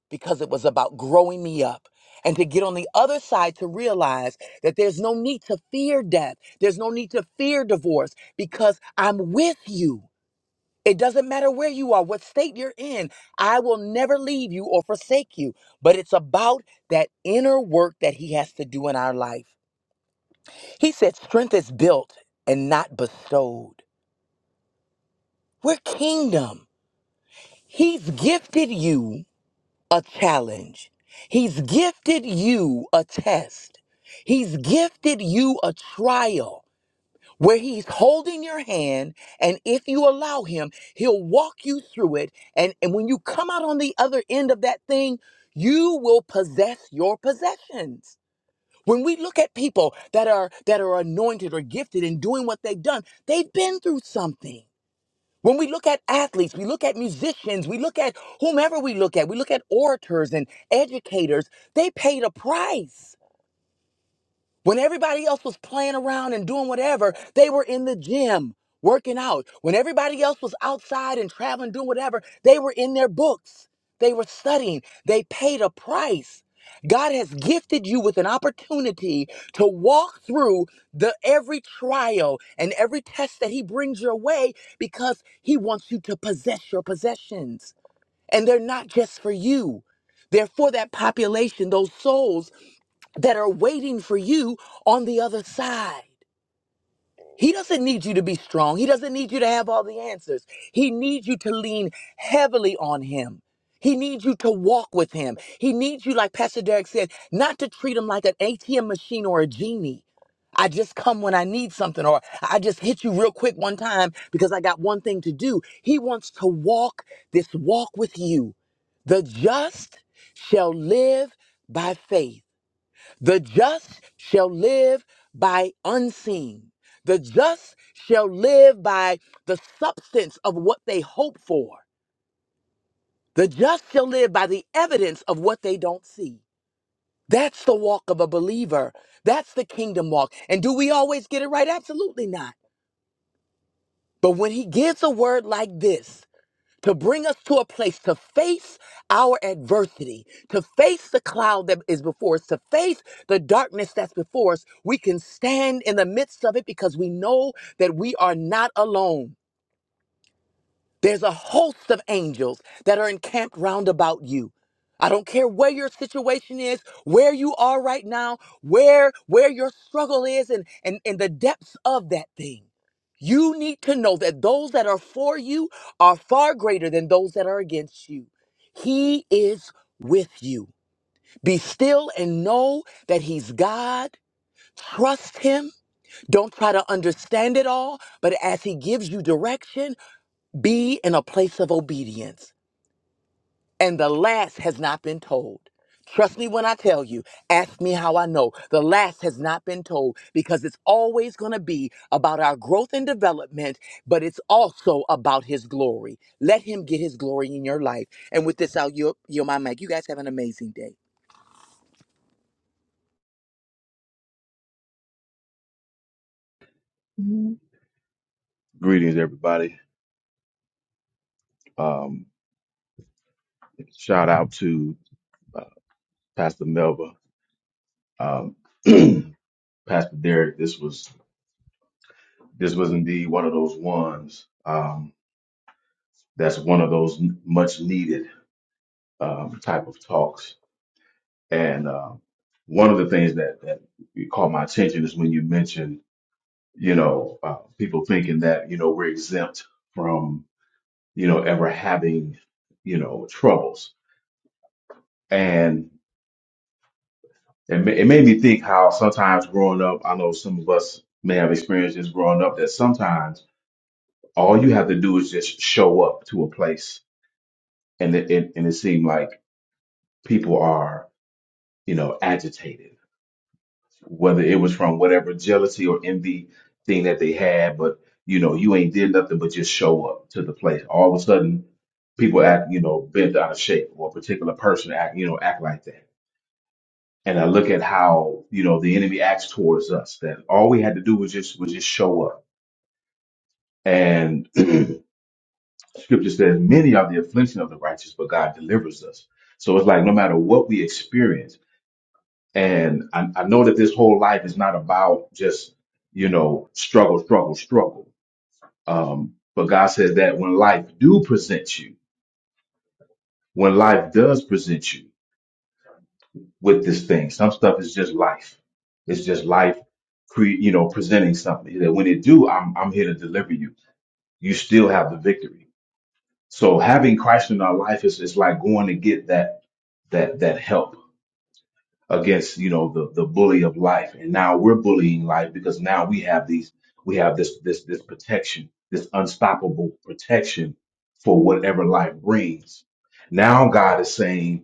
because it was about growing me up. And to get on the other side to realize that there's no need to fear death. There's no need to fear divorce because I'm with you. It doesn't matter where you are, what state you're in. I will never leave you or forsake you. But it's about that inner work that He has to do in our life. He said, Strength is built and not bestowed. We're kingdom. He's gifted you a challenge, He's gifted you a test, He's gifted you a trial. where he's holding your hand and if you allow him he'll walk you through it and and when you come out on the other end of that thing you will possess your possessions when we look at people that are that are anointed or gifted in doing what they've done they've been through something when we look at athletes we look at musicians we look at whomever we look at we look at orators and educators they paid a price when everybody else was playing around and doing whatever, they were in the gym working out. When everybody else was outside and traveling, doing whatever, they were in their books. They were studying. They paid a price. God has gifted you with an opportunity to walk through the every trial and every test that he brings your way because he wants you to possess your possessions. And they're not just for you. They're for that population, those souls that are waiting for you on the other side. He doesn't need you to be strong. He doesn't need you to have all the answers. He needs you to lean heavily on him. He needs you to walk with him. He needs you, like Pastor Derek said, not to treat him like an ATM machine or a genie. I just come when I need something, or I just hit you real quick one time because I got one thing to do. He wants to walk this walk with you. The just shall live by faith. The just shall live by unseen. The just shall live by the substance of what they hope for. The just shall live by the evidence of what they don't see. That's the walk of a believer. That's the kingdom walk. And do we always get it right? Absolutely not. But when he gives a word like this, to bring us to a place to face our adversity, to face the cloud that is before us, to face the darkness that's before us. We can stand in the midst of it because we know that we are not alone. There's a host of angels that are encamped round about you. I don't care where your situation is, where you are right now, where where your struggle is and and, and the depths of that thing. You need to know that those that are for you are far greater than those that are against you. He is with you. Be still and know that he's God. Trust him. Don't try to understand it all, but as he gives you direction, be in a place of obedience. And the last has not been told. Trust me when I tell you. Ask me how I know. The last has not been told because it's always going to be about our growth and development, but it's also about His glory. Let Him get His glory in your life. And with this, I'll yield, yield my mic. You guys have an amazing day. Mhm. Greetings, everybody. Um, shout out to uh, Pastor Melva, um, Pastor Derek. This was this was indeed one of those ones. Um, that's one of those much needed um, type of talks. And uh, one of the things that that caught my attention is when you mentioned, you know, uh, people thinking that you know we're exempt from you know ever having you know troubles. It, ma- it made me think how sometimes growing up, I know some of us may have experienced this growing up, that sometimes all you have to do is just show up to a place, and it, it and it seemed like people are, you know, agitated, whether it was from whatever jealousy or envy thing that they had, but you know, you ain't did nothing but just show up to the place. All of a sudden, people act, you know, bent out of shape, or a particular person act, you know, act like that and I look at how you know the enemy acts towards us. That all we had to do was just was just show up. And Scripture says, "Many are the affliction of the righteous, but God delivers us." So it's like no matter what we experience, and I, I know that this whole life is not about just you know struggle, struggle, struggle. Um, but God says that when life do present you, when life does present you. with this thing. Some stuff is just life. It's just life, cre- you know, presenting something that when it do, I'm, I'm here to deliver you. You still have the victory. So having Christ in our life is, is like going to get that, that, that help against, you know, the, the bully of life. And now we're bullying life because now we have these, we have this, this, this protection, this unstoppable protection for whatever life brings. Now God is saying,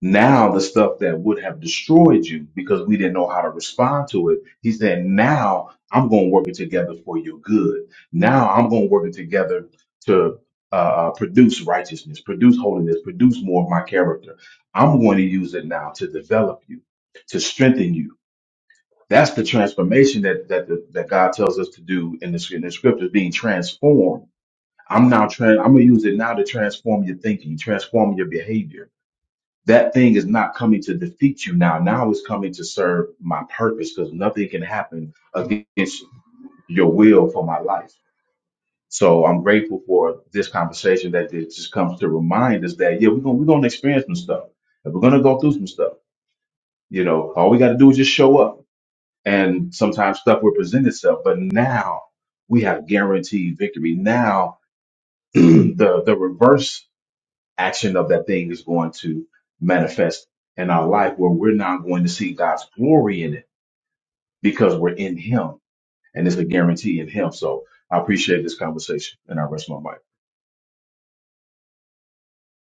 now the stuff that would have destroyed you because we didn't know how to respond to it, he said, now I'm going to work it together for your good. Now I'm going to work it together to uh, uh, produce righteousness, produce holiness, produce more of my character. I'm going to use it now to develop you, to strengthen you. That's the transformation that that the, that God tells us to do in the, in the scriptures, being transformed. I'm now trying. I'm gonna use it now to transform your thinking, transform your behavior that thing is not coming to defeat you now. Now it's coming to serve my purpose because nothing can happen against your will for my life. So I'm grateful for this conversation that it just comes to remind us that, yeah, we're going to we're gonna experience some stuff and we're going to go through some stuff. You know, all we got to do is just show up. And sometimes stuff will present itself. But now we have guaranteed victory. Now the, the reverse action of that thing is going to manifest in our life where we're now going to see God's glory in it because we're in Him and it's a guarantee in Him. So I appreciate this conversation and I rest my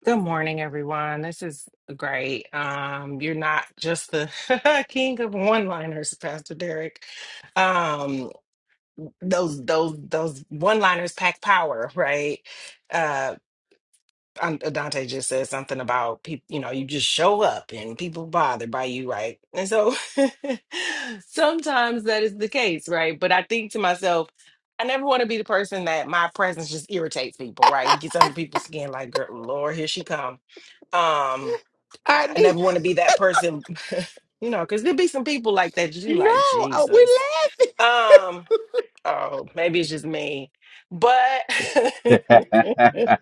Good morning, everyone. This is great. Um, you're not just the king of one-liners, Pastor Derek. Um, those those those one-liners pack power, right? Uh, um, Dante just said something about people. You know, you just show up and people bothered by you, right? And so sometimes that is the case, right? But I think to myself. I never want to be the person that my presence just irritates people, right? Gets under people's skin, like, girl, Lord, here she comes um, I, I Arnita, never want to be that person, you know, because there'd be some people like that you no, like, oh, Jesus. we laughing Um, oh, maybe it's just me. But mic.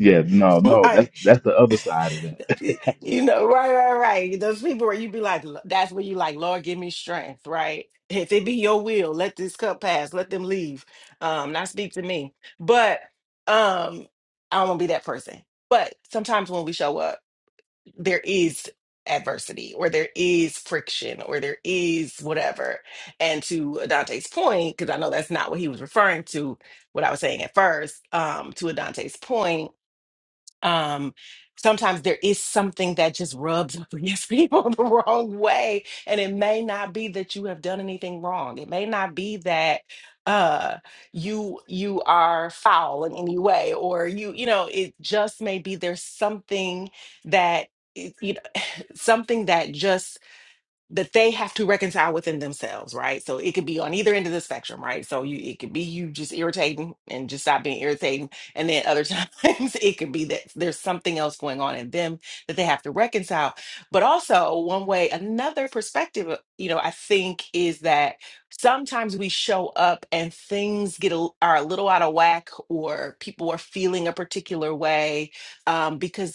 Yeah, no, no, that's right, that's the other side of that. you know, right, right, right. Those people where you be like, that's where you like, Lord, give me strength, right? If it be your will, let this cup pass, let them leave. Um, not speak to me. But um, I don't want to be that person. But sometimes when we show up. there is adversity or there is friction or there is whatever. And to Adante's point, because I know that's not what he was referring to, what I was saying at first, um, to Adante's point, um, sometimes there is something that just rubs up against people the wrong way. And it may not be that you have done anything wrong. It may not be that uh you you are foul in any way or you you know it just may be there's something that something that just that they have to reconcile within themselves, right? So it could be on either end of the spectrum, right? So you it could be you just irritating and just stop being irritating. And then other times it could be that there's something else going on in them that they have to reconcile. But also one way, another perspective, uh, you know, I think is that sometimes we show up and things get a, are a little out of whack or people are feeling a particular way um, because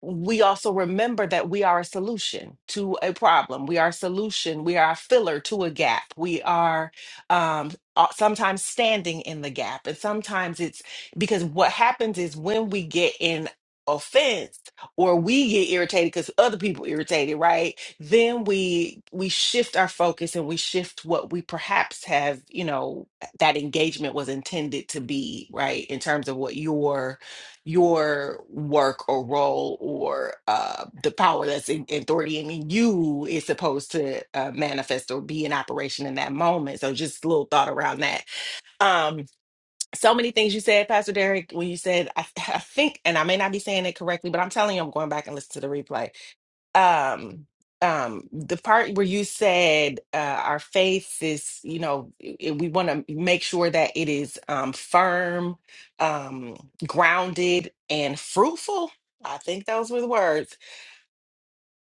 we also remember that we are a solution to a problem. We are a solution. We are a filler to a gap. We are um, uh, sometimes standing in the gap. And sometimes it's because what happens is when we get in offense or we get irritated because other people irritated right then we we shift our focus and we shift what we perhaps have you know that engagement was intended to be right in terms of what your your work or role or uh, the power that's in in authority and in you is supposed to uh, manifest or be in operation in that moment. So just a little thought around that. Um, so many things you said, Pastor Derek, when you said, I, I think, and I may not be saying it correctly, but I'm telling you, I'm going back and listen to the replay um um the part where you said uh our faith is you know i- i- we want to make sure that it is um firm um grounded and fruitful i think those were the words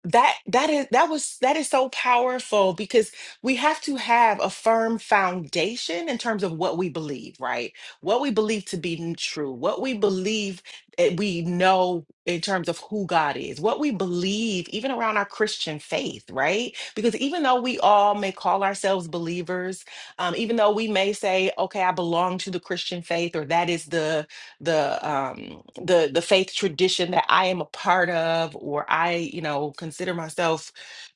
that that is that was that is so powerful because we have to have a firm foundation in terms of what we believe right what we believe to be n- true what we believe that we know in terms of who god is what we believe even around our christian faith right because even though we all may call ourselves believers um, even though we may say okay i belong to the christian faith or that is the the um the the faith tradition that I am a part of or I you know consider myself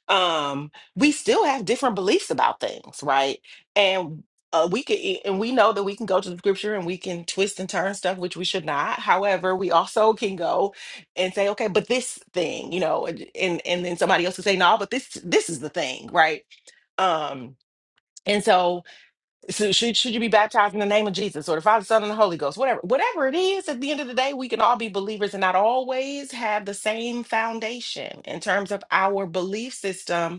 um we still have different beliefs about things right and uh, we could e- and we know that we can go to the scripture and we can twist and turn stuff which we should not however we also can go and say okay but this thing you know and and, and then somebody else will say no but this this is the thing right um and so so should, should you be baptized in the name of Jesus or the Father, Son, and the Holy Ghost? Whatever, whatever it is, at the end of the day, we can all be believers and not always have the same foundation in terms of our belief system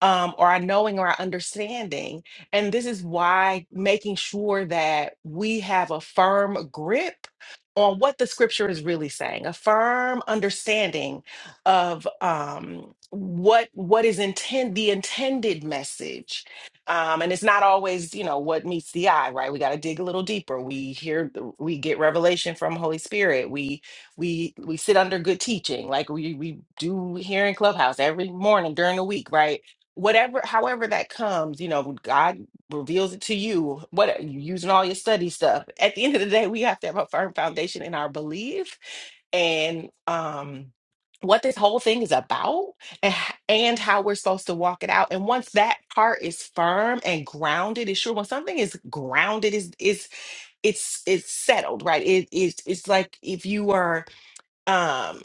um, or our knowing or our understanding. And this is why making sure that we have a firm grip on what the scripture is really saying, a firm understanding of um, what what is intend the intended message. Um, and it's not always, you know, what meets the eye, right? We got to dig a little deeper. We hear, the- we get revelation from Holy Spirit. We we we sit under good teaching like we we do here in clubhouse every morning during the week right whatever however that comes you know god reveals it to you what you using all your study stuff at the end of the day we have to have a firm foundation in our belief and um what this whole thing is about and, h- and how we're supposed to walk it out and once that part is firm and grounded is sure when something is grounded is is it's it's settled right it is it's it's like if you are um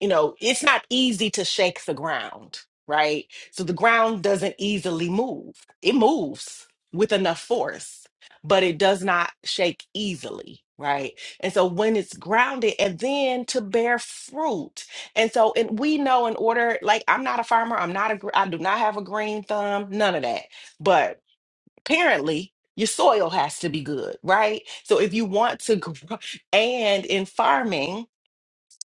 you know it's not easy to shake the ground right so the ground doesn't easily move it moves with enough force but it does not shake easily right and so when it's grounded and then to bear fruit and so and we know in order like i'm not a farmer i'm not a gr- i do not have a green thumb none of that but apparently your soil has to be good right so if you want to grow and in farming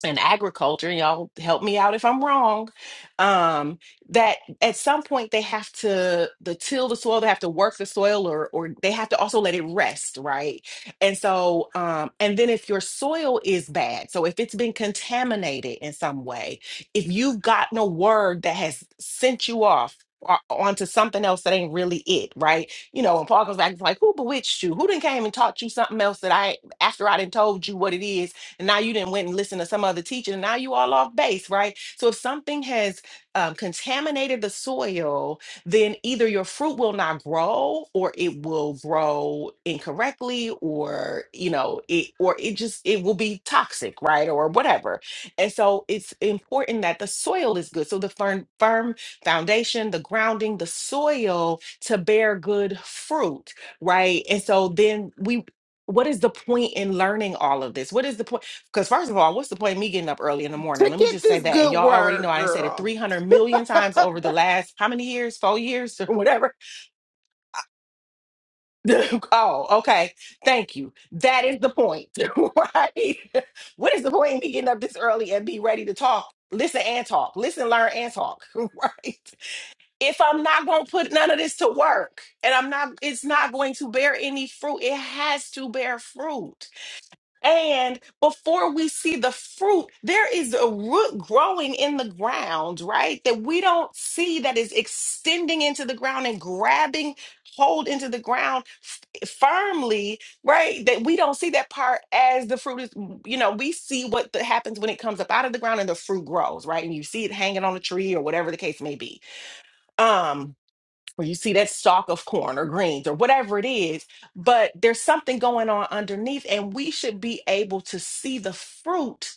in agriculture, y'all help me out if I'm wrong, um, that at some point they have to the till the soil, they have to work the soil or or they have to also let it rest, right? And so um, and then if your soil is bad, so if it's been contaminated in some way, if you've gotten a word that has sent you off o- onto something else that ain't really it, right? You know, and Paul goes back and like, who bewitched you? Who didn't came and taught you something else that I after I didn't told you what it is? and now you didn't went and listened to some other teacher and now you all off base right so if something has um, contaminated the soil then either your fruit will not grow or it will grow incorrectly or you know it or it just it will be toxic right or whatever and so it's important that the soil is good so the firm firm foundation the grounding the soil to bear good fruit right and so then we what is the point in learning all of this? What is the point? Because first of all, what's the point of me getting up early in the morning? to Let me get just say this that. And good y'all already know word, I ain't said it girl. 300 million times over the last how many years? Four years or whatever. oh, okay. Thank you. That is the point, right? what is the point of me getting up this early and be ready to talk? Listen and talk. Listen, learn and talk, right? If I'm not going to put none of this to work and I'm not, it's not going to bear any fruit. It has to bear fruit And before we see the fruit, there is a root growing in the ground, right? That we don't see that is extending into the ground and grabbing hold into the ground f- firmly, right? That we don't see that part as the fruit is, you know, we see what the, happens when it comes up out of the ground and the fruit grows, right? And you see it hanging on a tree or whatever the case may be. Um, or you see that stalk of corn or greens or whatever it is, but there's something going on underneath, and we should be able to see the fruit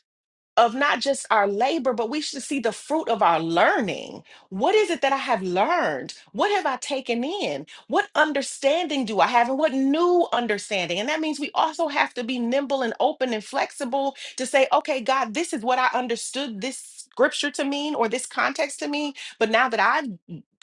of not just our labor, but we should see the fruit of our learning. What is it that I have learned? What have I taken in? What understanding do I have, and what new understanding? And that means we also have to be nimble and open and flexible to say, okay, God, this is what I understood this scripture to mean or this context to mean. But now that I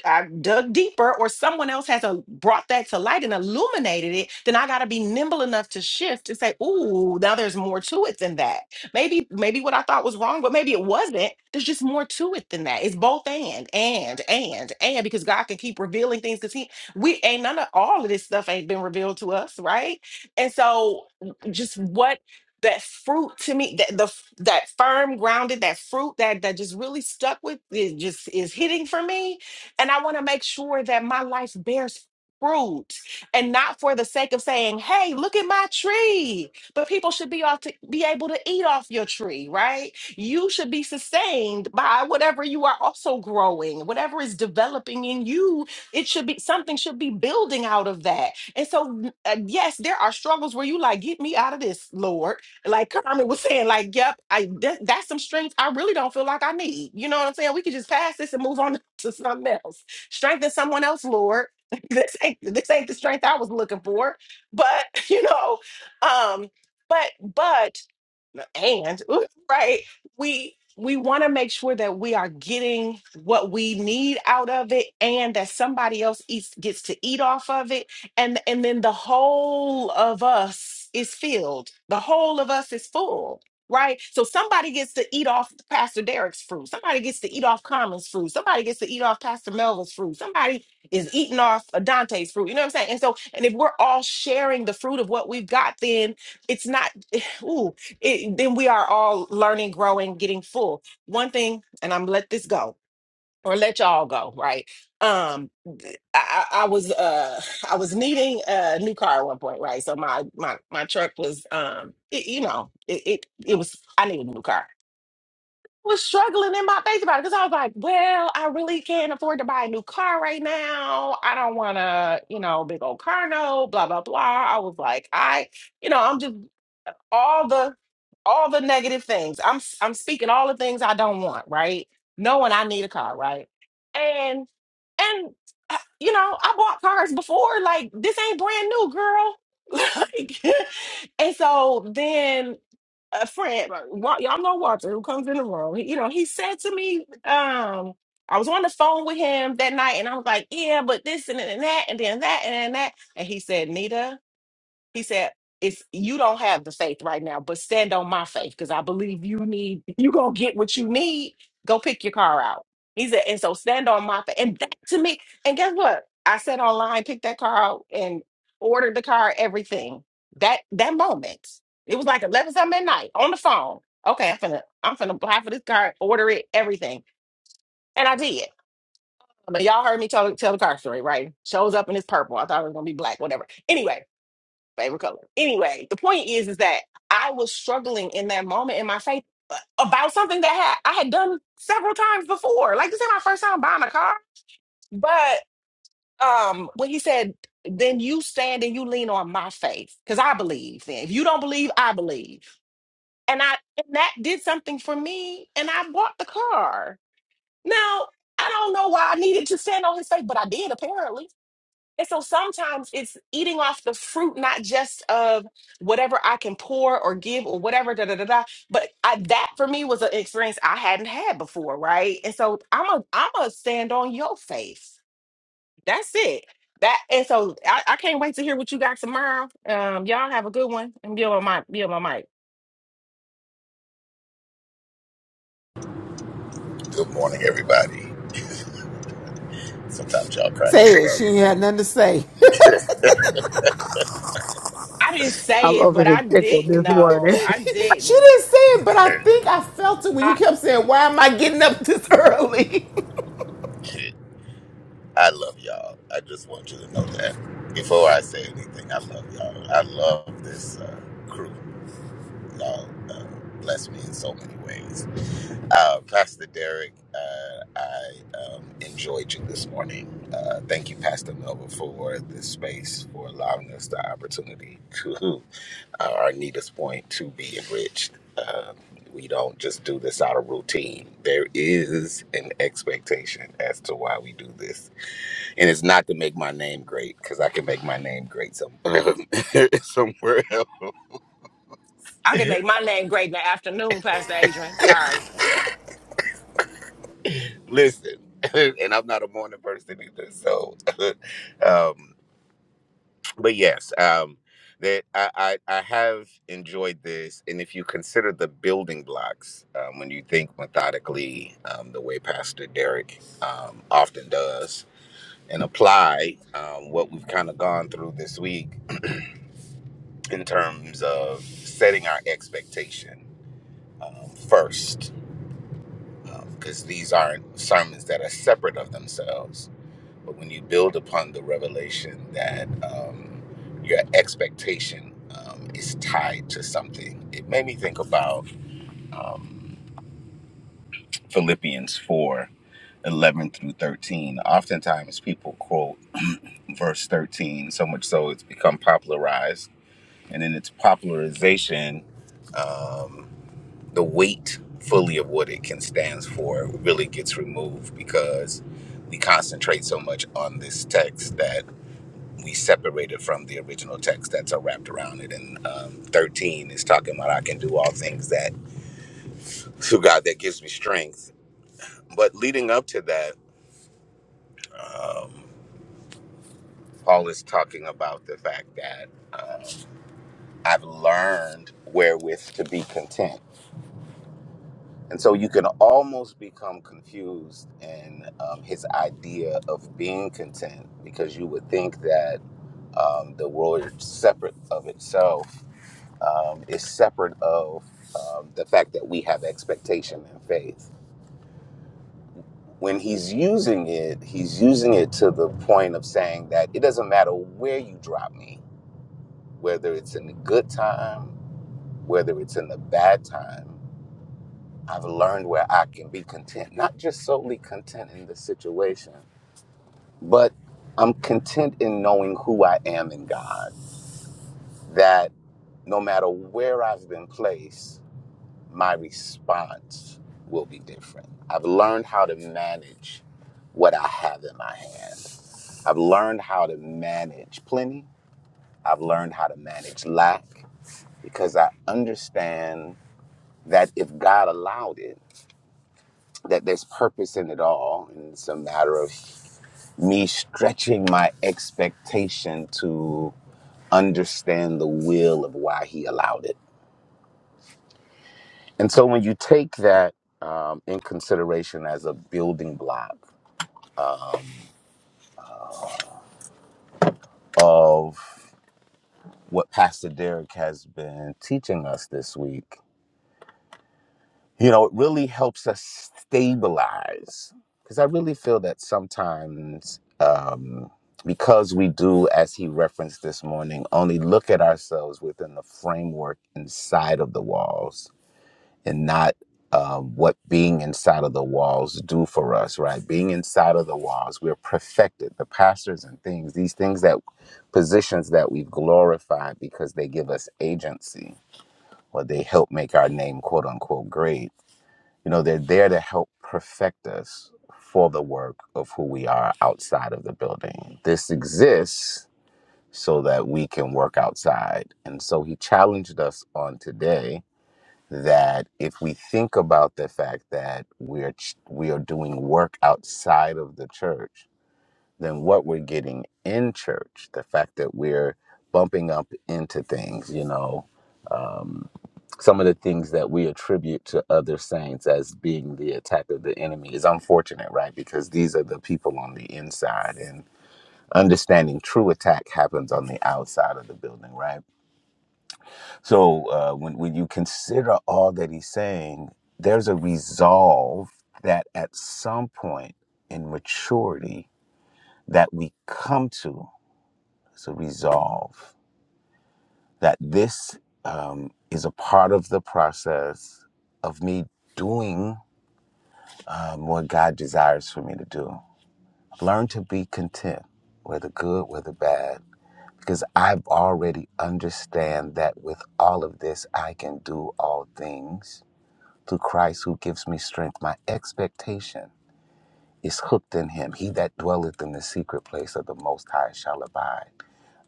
I dug deeper or someone else has a, brought that to light and illuminated it, then I got to be nimble enough to shift and say, "Ooh, now there's more to it than that. Maybe maybe what I thought was wrong, but maybe it wasn't. There's just more to it than that. It's both and and and and because God can keep revealing things because He we ain't none of all of this stuff ain't been revealed to us, right? And so just what that fruit to me that the f- that firm grounded that fruit that that just really stuck with it just is hitting for me and I want to make sure that my life bears fruit and not for the sake of saying, hey, look at my tree. But people should be off to be able to eat off your tree, right? You should be sustained by whatever you are also growing, whatever is developing in you. It should be something should be building out of that. And so, uh, yes, there are struggles where you like, get me out of this, Lord like Carmen was saying, like, yep, I that, that's some strength I really don't feel like I need. You know what I'm saying? We could just pass this and move on to something else. Strengthen someone else, Lord. this ain't this ain't the strength I was looking for. But you know, um, but but and ooh, right we we want to make sure that we are getting what we need out of it and that somebody else eats gets to eat off of it and and then the whole of us is filled the whole of us is full right so somebody gets to eat off pastor derek's fruit somebody gets to eat off common's fruit somebody gets to eat off pastor melvin's fruit somebody is eating off dante's fruit you know what i'm saying and so and if we're all sharing the fruit of what we've got then it's not ooh, it, then we are all learning, growing, getting full. One thing, and I'm let this go or let y'all go, right? Um, I, I I was uh I was needing a new car at one point, right? So my my my truck was um it, you know it, it it was I needed a new car. was struggling in my face about it because I was like, well, I really can't afford to buy a new car right now. I don't want to, you know, big old car note, blah blah blah. I was like, I, you know, I'm just all the all the negative things. I'm s- I'm speaking all the things I don't want, right? Knowing I need a car, right? And and uh, you know, I bought cars before. Like this ain't brand new, girl. like, and so then a friend, uh, Wa- y'all know Walter, who comes in the room. he- you know, he said to me, um, I was on the phone with him that night, and I was like, yeah, but this and, and that, and then that, and then that, and he said, Nita. He said, "It's you don't have the faith right now, but stand on my faith because I believe you need you gonna get what you need. Go pick your car out." He said, "And so stand on my faith." And that to me, and guess what? I said online, picked that car out, and ordered the car. Everything that that moment, it was like eleven something at night on the phone. Okay, I'm finna I'm finna apply for this car, order it, everything, and I did. I mean, y'all heard me tell tell the car story, right? Shows up in this purple. I thought it was gonna be black, whatever. Anyway favorite color. Anyway, the point is, is that I was struggling in that moment in my faith uh, about something that had, I had done several times before. Like this ain't my first time buying a car, but um, when he said, "Then you stand and you lean on my faith," because I believe. Then if you don't believe, I believe, and I and that did something for me, and I bought the car. Now I don't know why I needed to stand on his faith, but I did apparently and so sometimes it's eating off the fruit, not just of whatever I can pour or give or whatever, da da da da. But I, that for me was an experience I hadn't had before, right? And so I'm a I'm a stand on your faith. That's it. That and so I, I can't wait to hear what you got tomorrow. Um, y'all have a good one and be on my mic. Be on my mic. Good morning, everybody. Sometimes y'all crack Say it. She me ain't had nothing to say. I didn't I'm say it, over but here I tickled didn't this morning. know. I she didn't say didn't. it, but I up. think I felt it when I, you kept saying, Why am I getting up this early? I love y'all. I just want you to know that. Before I say anything, I love y'all. I love this uh, crew. Y'all uh, bless me in so many ways. Uh, Pastor Derek, uh, I um, enjoyed you this morning. Uh, thank you, Pastor Melba, for this space, for allowing us the opportunity to Our or Anita's point, to be enriched. Uh, we don't just do this out of routine. There is an expectation as to why we do this, and it's not to make my name great because I can make my name great some somewhere else. I can make my name great in the afternoon, Pastor Adrian. Sorry. Listen, and I'm not a morning person either, so um, but yes, um, that I, I I have enjoyed this, and if you consider the building blocks um, when you think methodically, um, the way Pastor Derek um, often does, and apply um, what we've kind of gone through this week in terms of setting our expectation um, first, because these aren't sermons that are separate of themselves But when you build upon the revelation that um, your expectation um, is tied to something, it made me think about um, Philippians 4, 11 through 13. Oftentimes people quote verse 13, so much so it's become popularized. And in its popularization, um, the weight fully of what it can stands for really gets removed because we concentrate so much on this text that we separated from the original text that's uh, wrapped around it. And um, 13 is talking about I can do all things that through God that gives me strength. But leading up to that, um, Paul is talking about the fact that um, I've learned wherewith to be content. And so you can almost become confused in um, his idea of being content because you would think that um, the world is separate of itself um, is separate of um, the fact that we have expectation and faith. When he's using it, he's using it to the point of saying that it doesn't matter where you drop me, whether it's in the good time, whether it's in the bad time, I've learned where I can be content, not just solely content in the situation, but I'm content in knowing who I am in God, that no matter where I've been placed, my response will be different. I've learned how to manage what I have in my hand. I've learned how to manage plenty. I've learned how to manage lack because I understand that if God allowed it, that there's purpose in it all. And it's a matter of me stretching my expectation to understand the will of why He allowed it. And so when you take that um, in consideration as a building block, of what Pastor Derek has been teaching us this week. You know, it really helps us stabilize because I really feel that sometimes um, because we do, as he referenced this morning, only look at ourselves within the framework inside of the walls and not um, what being inside of the walls do for us right being inside of the walls we're perfected the pastors and things these things that positions that we've glorified because they give us agency or they help make our name quote unquote great you know they're there to help perfect us for the work of who we are outside of the building this exists so that we can work outside and so he challenged us on today that if we think about the fact that we are ch- we are doing work outside of the church, then what we're getting in church, the fact that we're bumping up into things, you know, um, some of the things that we attribute to other saints as being the attack of the enemy is unfortunate, right? Because these are the people on the inside, and understanding true attack happens on the outside of the building, right? So uh, when when you consider all that he's saying, there's a resolve that at some point in maturity that we come to. It's a resolve that this um, is a part of the process of me doing um, what God desires for me to do. Learn to be content, whether good, whether bad, because I've already understand that with all of this, I can do all things through Christ who gives me strength. My expectation is hooked in him. He that dwelleth in the secret place of the Most High shall abide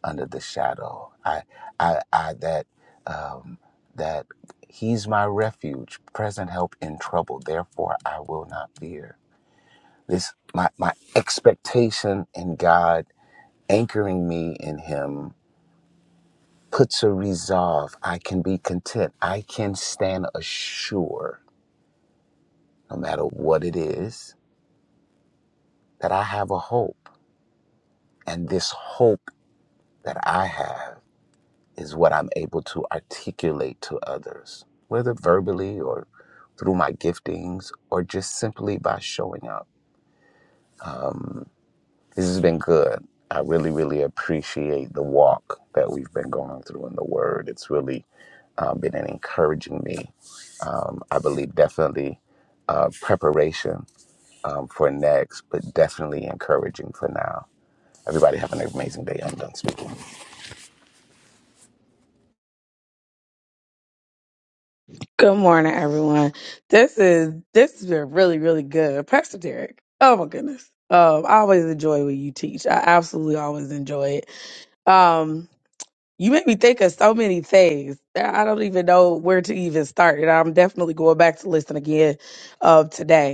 under the shadow. I, I, I that, um, that he's my refuge, present help in trouble. Therefore, I will not fear. This, my, my expectation in God, anchoring me in him, puts a resolve. I can be content. I can stand assured no matter what it is that I have a hope. And this hope that I have is what I'm able to articulate to others, whether verbally or through my giftings or just simply by showing up. This has been good. I really, really appreciate the walk that we've been going through in the Word. It's really um, been encouraging me. Um, I believe definitely uh, preparation um, for next, but definitely encouraging for now. Everybody have an amazing day. I'm done speaking. Good morning, everyone. This is this has been really, really good. Pastor Derek. Oh my goodness. Um, I always enjoy what you teach. I absolutely always enjoy it. Um, you make me think of so many things. I I don't even know where to even start. And I'm definitely going back to listen again of today.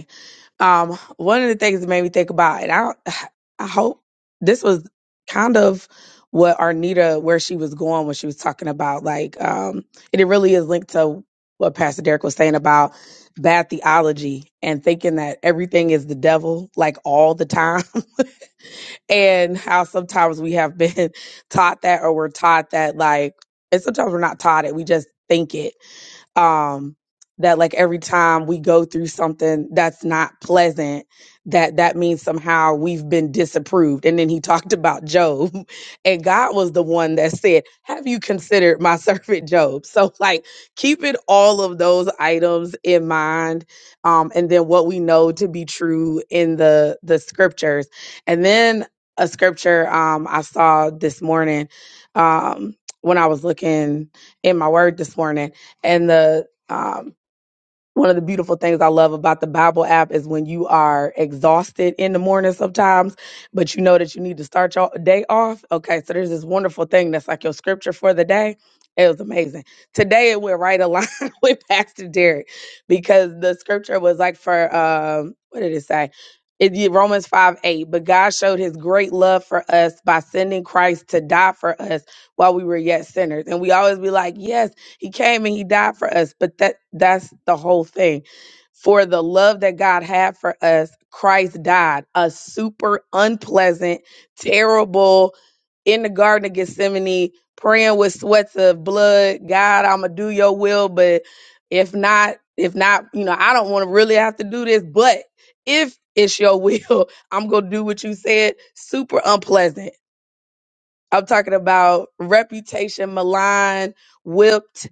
Um, one of the things that made me think about, and I, I hope this was kind of what Arnita, where she was going when she was talking about, like, um, and it really is linked to what Pastor Derek was saying about bad theology and thinking that everything is the devil, like all the time, and how sometimes we have been taught that, or we're taught that, like, and sometimes we're not taught it, we just think it um that like every time we go through something that's not pleasant that that means somehow we've been disapproved and then he talked about job and god was the one that said have you considered my servant job so like keeping all of those items in mind um and then what we know to be true in the the scriptures and then a scripture um i saw this morning um when i was looking in my word this morning and the um, one of the beautiful things I love about the Bible app is when you are exhausted in the morning sometimes, but you know that you need to start your day off. Okay, so there's this wonderful thing that's like your scripture for the day. It was amazing. Today it went right along with Pastor Derek because the scripture was like for um, what did it say? It, yeah, Romans 5 8. But God showed his great love for us by sending Christ to die for us while we were yet sinners. And we always be like, yes. He came and he died for us, but that that's the whole thing. For the love that God had for us, Christ died a super unpleasant, terrible in the Garden of Gethsemane, praying with sweats of blood. God, I'm gonna do your will, but if not, if not, you know, I don't want to really have to do this, but if it's your will, I'm gonna do what you said. Super unpleasant. I'm talking about reputation, malign, whipped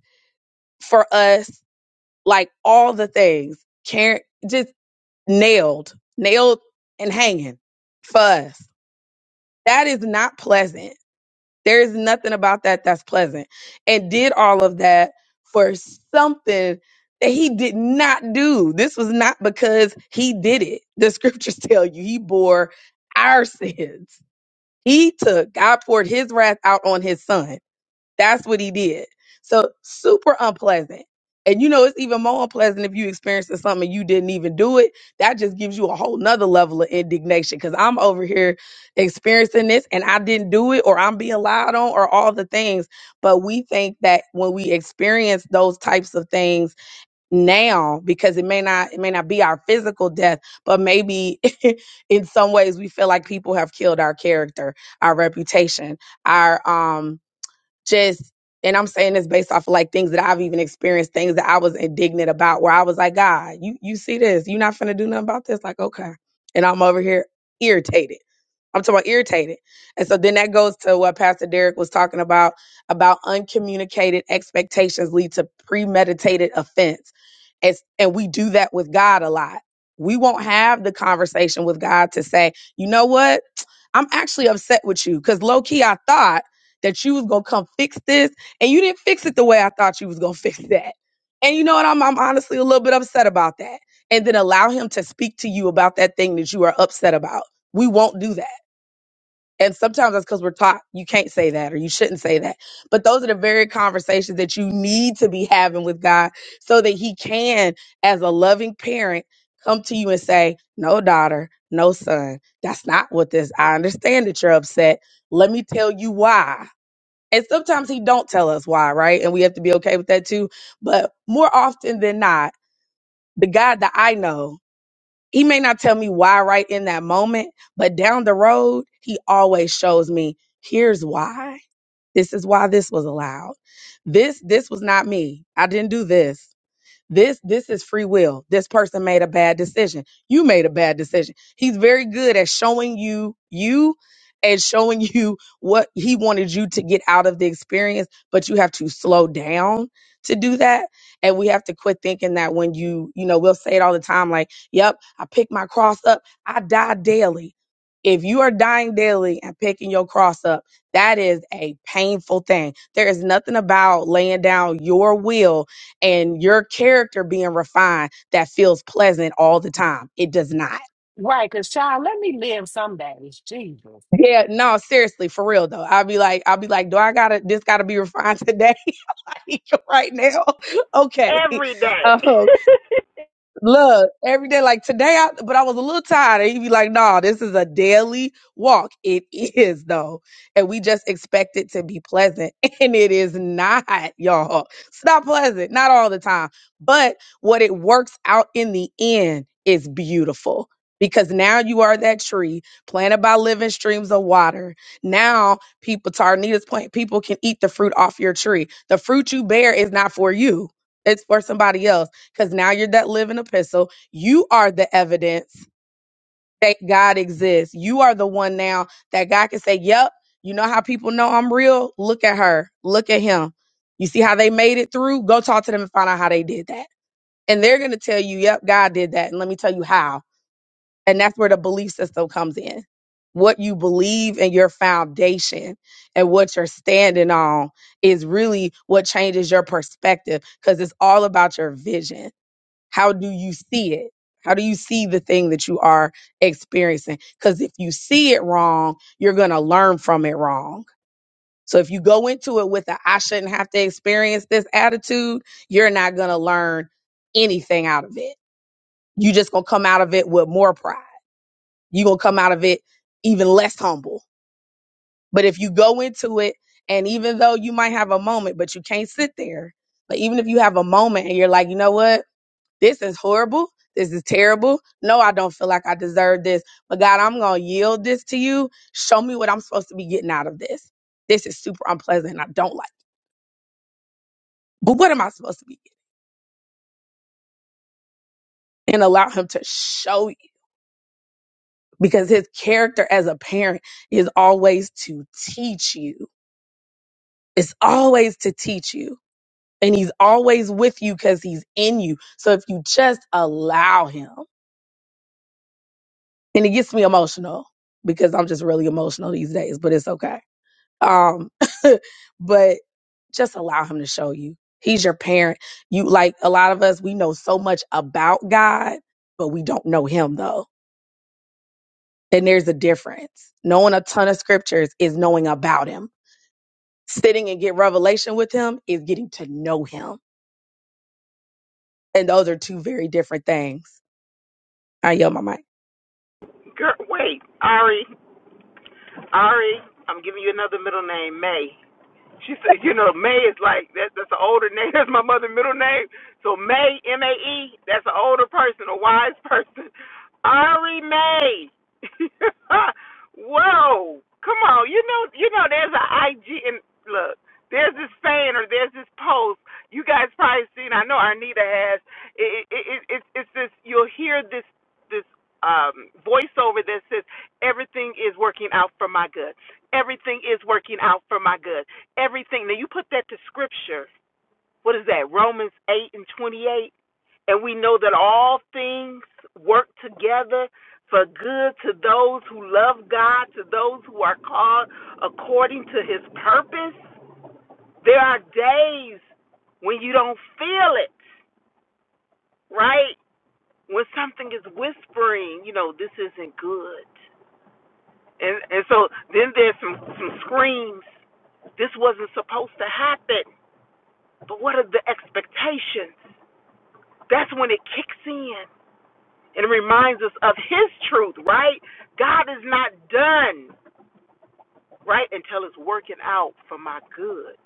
for us, like all the things, Karen just nailed, nailed and hanging for us. That is not pleasant. There is nothing about that that's pleasant. And did all of that for something that he did not do. This was not because he did it. The scriptures tell you he bore our sins. He took, God poured his wrath out on his son that's what he did. So super unpleasant. And you know, it's even more unpleasant if you experiencing something and you didn't even do it. That just gives you a whole nother level of indignation because I'm over here experiencing this and I didn't do it or I'm being lied on or all the things. But we think that when we experience those types of things now, because it may not, it may not be our physical death, but maybe in some ways we feel like people have killed our character, our reputation, our, um, just and I'm saying this based off of like things that I've even experienced, things that I was indignant about, where I was like, God, you you see this, you not finna do nothing about this. Like, okay. And I'm over here irritated. I'm talking about irritated. And so then that goes to what Pastor Derek was talking about, about uncommunicated expectations lead to premeditated offense. As, and we do that with God a lot. We won't have the conversation with God to say, you know what? I'm actually upset with you. Cause low key, I thought that you was gonna come fix this, and you didn't fix it the way I thought you was gonna fix that. And you know what? I'm I'm honestly a little bit upset about that. And then allow him to speak to you about that thing that you are upset about. We won't do that. And sometimes that's because we're taught you can't say that or you shouldn't say that. But those are the very conversations that you need to be having with God so that He can, as a loving parent, come to you and say, No, daughter, no, son, that's not what this. I understand that you're upset. Let me tell you why. And sometimes he don't tell us why, right? And we have to be okay with that too. But more often than not, the God that I know, he may not tell me why right in that moment, but down the road, he always shows me, here's why. This is why this was allowed. This this was not me. I didn't do this this this is free will. This person made a bad decision. You made a bad decision. He's very good at showing you you and showing you what he wanted you to get out of the experience, but you have to slow down to do that. And we have to quit thinking that when you, you know, we'll say it all the time like, yep, I pick my cross up, I die daily. If you are dying daily and picking your cross up, that is a painful thing. There is nothing about laying down your will and your character being refined that feels pleasant all the time. It does not. Right, because child, let me live some days. Jesus. Yeah, no, seriously, for real though. I'll be like, I'll be like, do I gotta this gotta be refined today? like right now. Okay. Every day. Um, Look, every day, like today, I, but I was a little tired. and He'd be like, nah, this is a daily walk. It is, though. And we just expect it to be pleasant. And it is not, y'all. It's not pleasant, not all the time. But what it works out in the end is beautiful because now you are that tree planted by living streams of water. Now, people, to Arnita's point, people can eat the fruit off your tree. The fruit you bear is not for you, it's for somebody else because now you're that living epistle. You are the evidence that God exists. You are the one now that God can say, Yep, you know how people know I'm real? Look at her. Look at him. You see how they made it through? Go talk to them and find out how they did that. And they're going to tell you, Yep, God did that. And let me tell you how. And that's where the belief system comes in. What you believe and your foundation and what you're standing on is really what changes your perspective because it's all about your vision how do you see it? How do you see the thing that you are experiencing? Because if you see it wrong, you're going to learn from it wrong. So if you go into it with a I shouldn't have to experience this attitude, you're not going to learn anything out of it. you just going to come out of it with more pride. You're going to come out of it even less humble. But if you go into it, and even though you might have a moment, but you can't sit there, but even if you have a moment and you're like, you know what? This is horrible. This is terrible. No, I don't feel like I deserve this. But God, I'm going to yield this to you. Show me what I'm supposed to be getting out of this. This is super unpleasant. and I don't like. it. But what am I supposed to be? getting? And allow him to show you because his character as a parent is always to teach you. It's always to teach you. And he's always with you because he's in you. So if you just allow him, and it gets me emotional because I'm just really emotional these days, but it's okay Um, but just allow him to show you. He's your parent. You like a lot of us, we know so much about God, but we don't know him though. And there's a difference. Knowing a ton of scriptures is knowing about him. Sitting and get revelation with him is getting to know him. And those are two very different things. I yell my mic. Girl, wait, Ari, Ari, I'm giving you another middle name, May. She said, you know, May is like that. That's an older name. That's my mother's middle name. So May, M A E. That's an older person, a wise person. Ari May. Whoa! Come on, you know, you know. There's an IG and look. There's this fan or there's this post. You guys probably seen. I know Arnita has. It, it, it, it's it's this. You'll hear this this um, voiceover that says, Everything is working out for my good. Everything is working out for my good. Everything. Now, you put that to scripture. What is that? Romans 8 and 28. And we know that all things work together for good to those who love God, to those who are called according to his purpose. There are days when you don't feel it, right? When something is whispering, you know, this isn't good And and so then there's some some screams. This wasn't supposed to happen. But what are the expectations? That's when it kicks in and reminds us of his truth, right? God is not done, right, until it's working out for my good.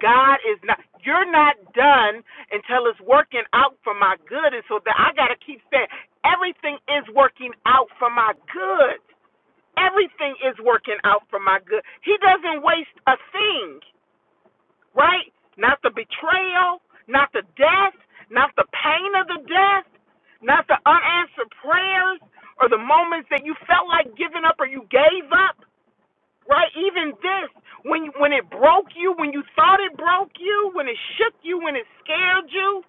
God is not you're not done until it's working out for my good. And so that I gotta keep saying everything is working out for my good. Everything is working out for my good. He doesn't waste a thing, right? Not the betrayal, not the death, not the pain of the death, not the unanswered prayers or the moments that you felt like giving up or you gave up, right? Even this, when when it broke you, when you thought it broke you, when it shook you, when it scared you,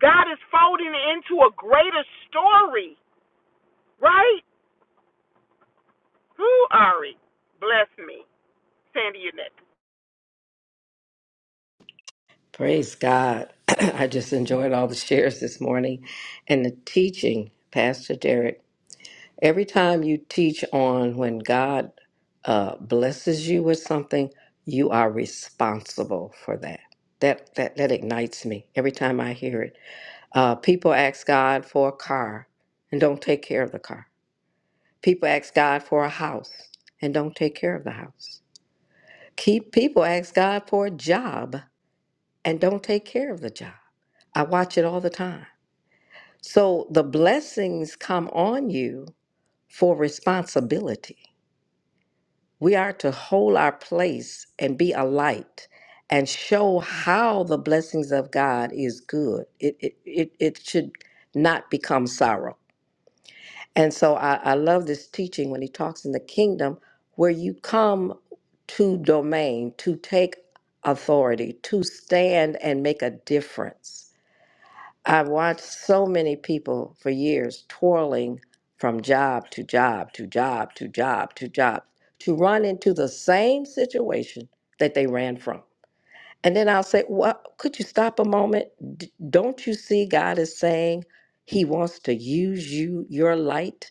God is folding it into a greater story, right? Who Ari? Bless me. Sandy, you're next. Praise God. I just enjoyed all the shares this morning and the teaching, Pastor Derek. Every time you teach on when God uh, blesses you with something, you are responsible for that. That, that that ignites me every time I hear it. Uh, people ask God for a car and don't take care of the car. People ask God for a house and don't take care of the house. Keep people ask God for a job and don't take care of the job. I watch it all the time. So the blessings come on you for responsibility. We are to hold our place and be a light and show how the blessings of God is good. It it it, it should not become sorrow. And so I, I love this teaching when he talks in the kingdom where you come to domain to take authority, to stand and make a difference. I've watched so many people for years twirling from job to job to job to job to job to run into the same situation that they ran from. And then I'll say, Well, could you stop a moment? D- don't you see God is saying He wants to use you, your light,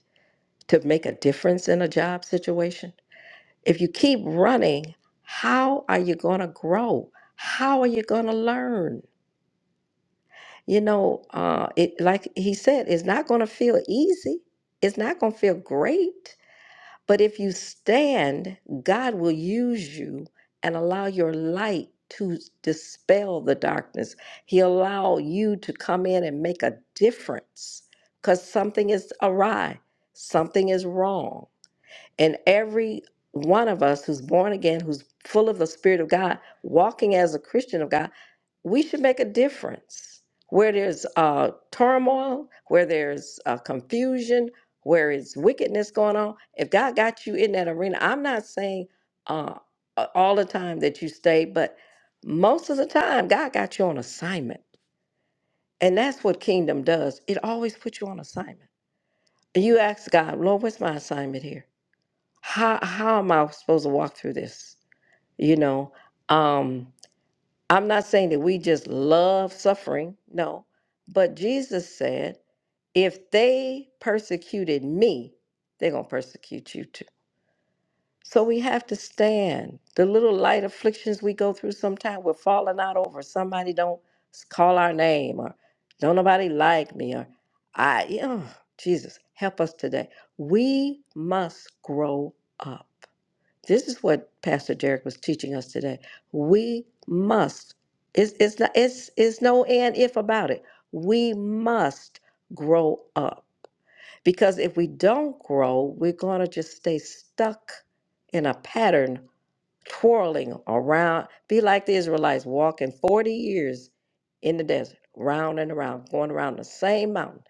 to make a difference in a job situation? If you keep running, how are you going to grow? How are you going to learn? You know, uh, it like he said, it's not going to feel easy. It's not going to feel great. But if you stand, God will use you and allow your light to dispel the darkness. He'll allow you to come in and make a difference because something is awry, something is wrong and every one of us who's born again, who's full of the Spirit of God, walking as a Christian of God, we should make a difference. Where there's uh, turmoil, where there's uh, confusion, where is wickedness going on, if God got you in that arena, I'm not saying uh, a- all the time that you stay, but most of the time, God got you on assignment. And that's what kingdom does. It always puts you on assignment. You ask God, Lord, what's my assignment here? how how am I supposed to walk through this? You know, um, I'm not saying that we just love suffering, no, but Jesus said, if they persecuted me, they're gonna persecute you too. So we have to stand. The little light afflictions we go through sometimes, we're falling out over. Somebody don't s- call our name, or don't nobody like me, or I. yeah, Jesus, help us today. We must grow up. This is what Pastor Derek was teaching us today. We must. It's it's not it's it's no and if about it. We must grow up. Because if we don't grow, we're gonna just stay stuck in a pattern, twirling around, be like the Israelites walking 40 years in the desert, round and around, going around the same mountain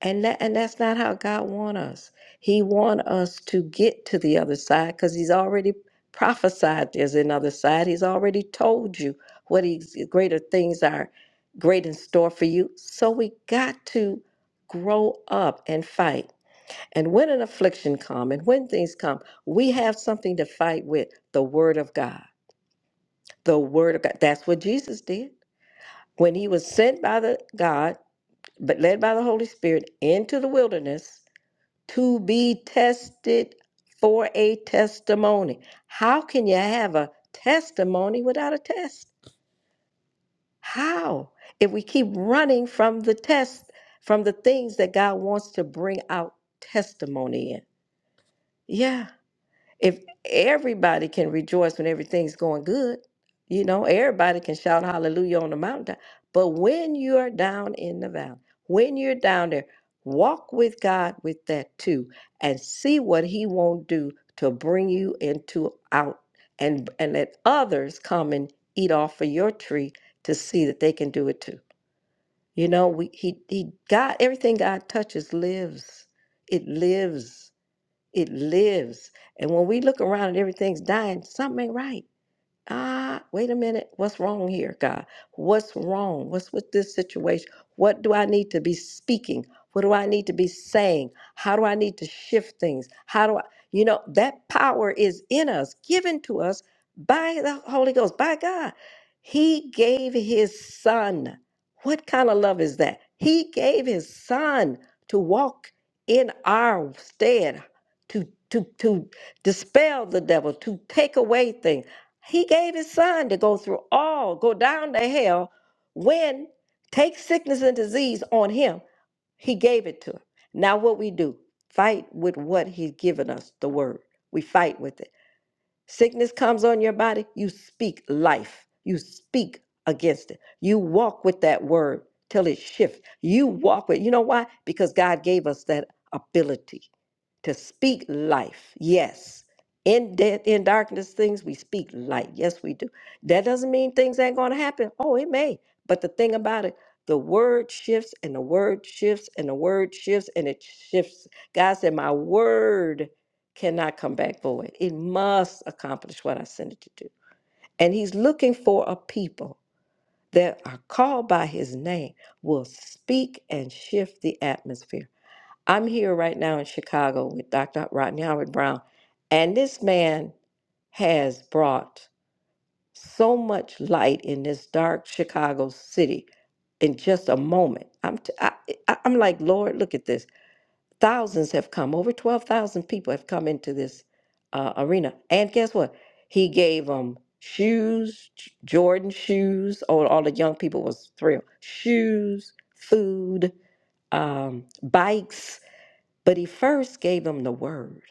and that, and that's not how God wants us. He wants us to get to the other side because He's already prophesied there's another side. He's already told you what He's greater things are great in store for you. So we got to grow up and fight. And when an affliction come and when things come, we have something to fight with, the word of God. The word of God. That's what Jesus did. When he was sent by the God, but led by the Holy Spirit into the wilderness to be tested for a testimony. How can you have a testimony without a test? How? If we keep running from the test, from the things that God wants to bring out testimony in. Yeah if everybody can rejoice when everything's going good, you know, everybody can shout hallelujah on the mountaintop. But when you're down in the valley, when you're down there, walk with God with that too and see what he won't do to bring you into out and and let others come and eat off of your tree to see that they can do it too. You know, we he he God everything God touches lives. It lives. It lives. And when we look around and everything's dying, something ain't right ah, wait a minute, what's wrong here, God? What's wrong? What's with this situation? What do I need to be speaking? What do I need to be saying? How do I need to shift things? How do I, you know, that power is in us, given to us by the Holy Ghost, by God. He gave his son. What kind of love is that? He gave his son to walk in our stead, to to to dispel the devil, to take away things. He gave his son to go through all, go down to hell, win, take sickness and disease on him. He gave it to him. Now, what we do, fight with what he's given us, the word. We fight with it. Sickness comes on your body, you speak life, you speak against it. You walk with that word till it shifts. You walk with, you know why? Because God gave us that ability to speak life. Yes. In death, in darkness, things we speak light. Yes, we do. That doesn't mean things ain't gonna happen. Oh, it may. But the thing about it, the word shifts and the word shifts and the word shifts and it shifts. God said, My word cannot come back void. It must accomplish what I sent it to do. And he's looking for a people that are called by his name, will speak and shift the atmosphere I'm here right now in Chicago with Dr. Rodney Howard Brown, and this man has brought so much light in this dark Chicago city in just a moment. I'm t- I, I, I'm like, Lord, look at this. Thousands have come. Over twelve thousand people have come into this uh, arena, and guess what? He gave them shoes, J- Jordan shoes. All, all the young people was thrilled. Shoes, food, um, bikes but he first gave them the word,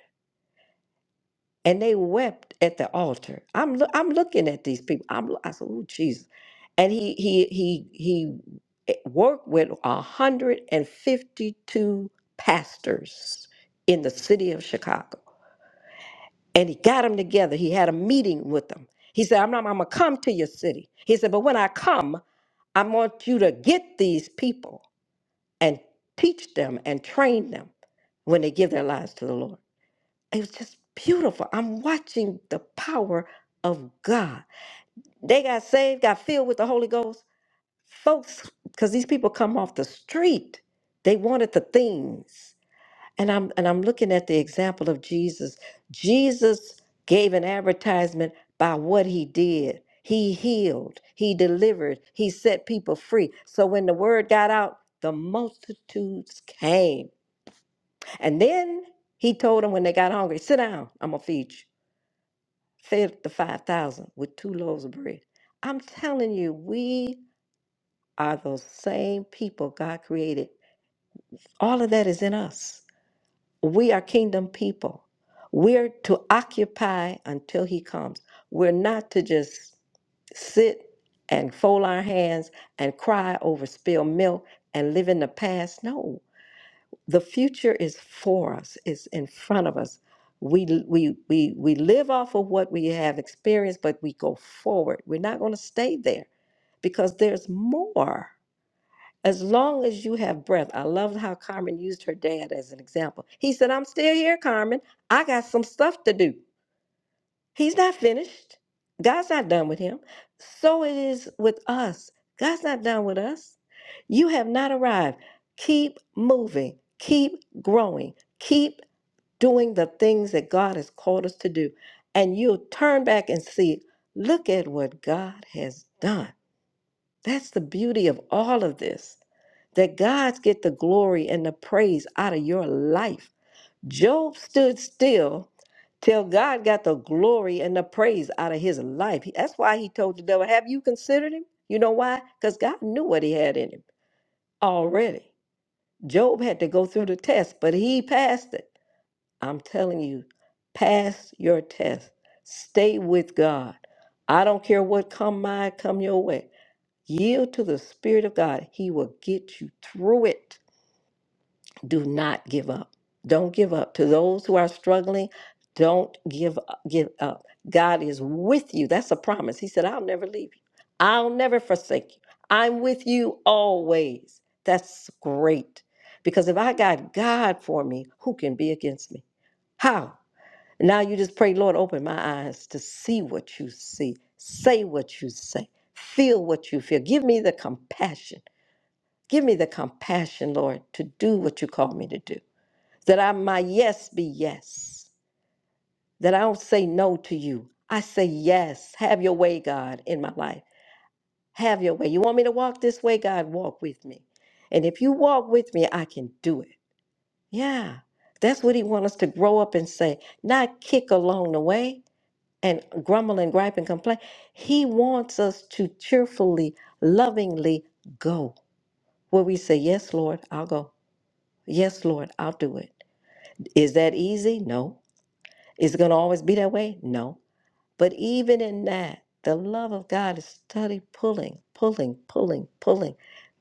and they wept at the altar. I'm loo- I'm looking at these people. I'm lo- I said, "Oh Jesus," and he he he he eh, worked with 152 pastors in the city of Chicago, and he got them together. He had a meeting with them. He said, "I'm not. I'm gonna come to your city." He said, "But when I come, I want you to get these people and teach them and train them when they give their lives to the Lord." It was just beautiful. I'm watching the power of God. They got saved, got filled with the Holy Ghost. Folks, because these people come off the street. They wanted the things. And I'm and I'm looking at the example of Jesus. Jesus gave an advertisement by what he did. He healed, he delivered, he set people free. So when the word got out, the multitudes came. And then he told them when they got hungry, sit down, I'm gonna feed you. fed the 5,000 with two loaves of bread. I'm telling you, we are those same people God created. All of that is in us. We are kingdom people. We're to occupy until He comes. We're not to just sit and fold our hands and cry over spilled milk and live in the past. No, the future is for us it's in front of us we we we we live off of what we have experienced but we go forward we're not going to stay there because there's more as long as you have breath i love how carmen used her dad as an example he said i'm still here carmen i got some stuff to do He's not finished. God's not done with him. So it is with us. God's not done with us. You have not arrived. Keep moving, keep growing, keep doing the things that God has called us to do. And you'll turn back and see, look at what God has done. That's the beauty of all of this that God's get the glory and the praise out of your life Job stood still till God got the glory and the praise out of his life. That's why he told the devil, Have you considered him? You know why? Because God knew what he had in him already. Job had to go through the test, but he passed it. I'm telling you, pass your test. Stay with God. I don't care what come my come your way. Yield to the Spirit of God. He will get you through it do not give up. Don't give up. To those who are struggling, don't give up, give up. God is with you. That's a promise. He said, "I'll never leave you. I'll never forsake you. I'm with you always." That's great. Because if I got God for me, who can be against me? How? Now you just pray, Lord, open my eyes to see what you see, say what you say, feel what you feel. Give me the compassion. Give me the compassion, Lord, to do what you call me to do that I my yes be yes, that I don't say no to you. I say yes. Have your way, God, in my life. Have your way. You want me to walk this way, God? Walk with me. And if you walk with me, I can do it. Yeah. That's what he wants us to grow up and say, not kick along the way and grumble and gripe and complain. He wants us to cheerfully, lovingly go where we say, Yes, Lord, I'll go. Yes, Lord, I'll do it. Is that easy? No. Is it going to always be that way? No. But even in that, the love of God is steady pulling, pulling, pulling, pulling.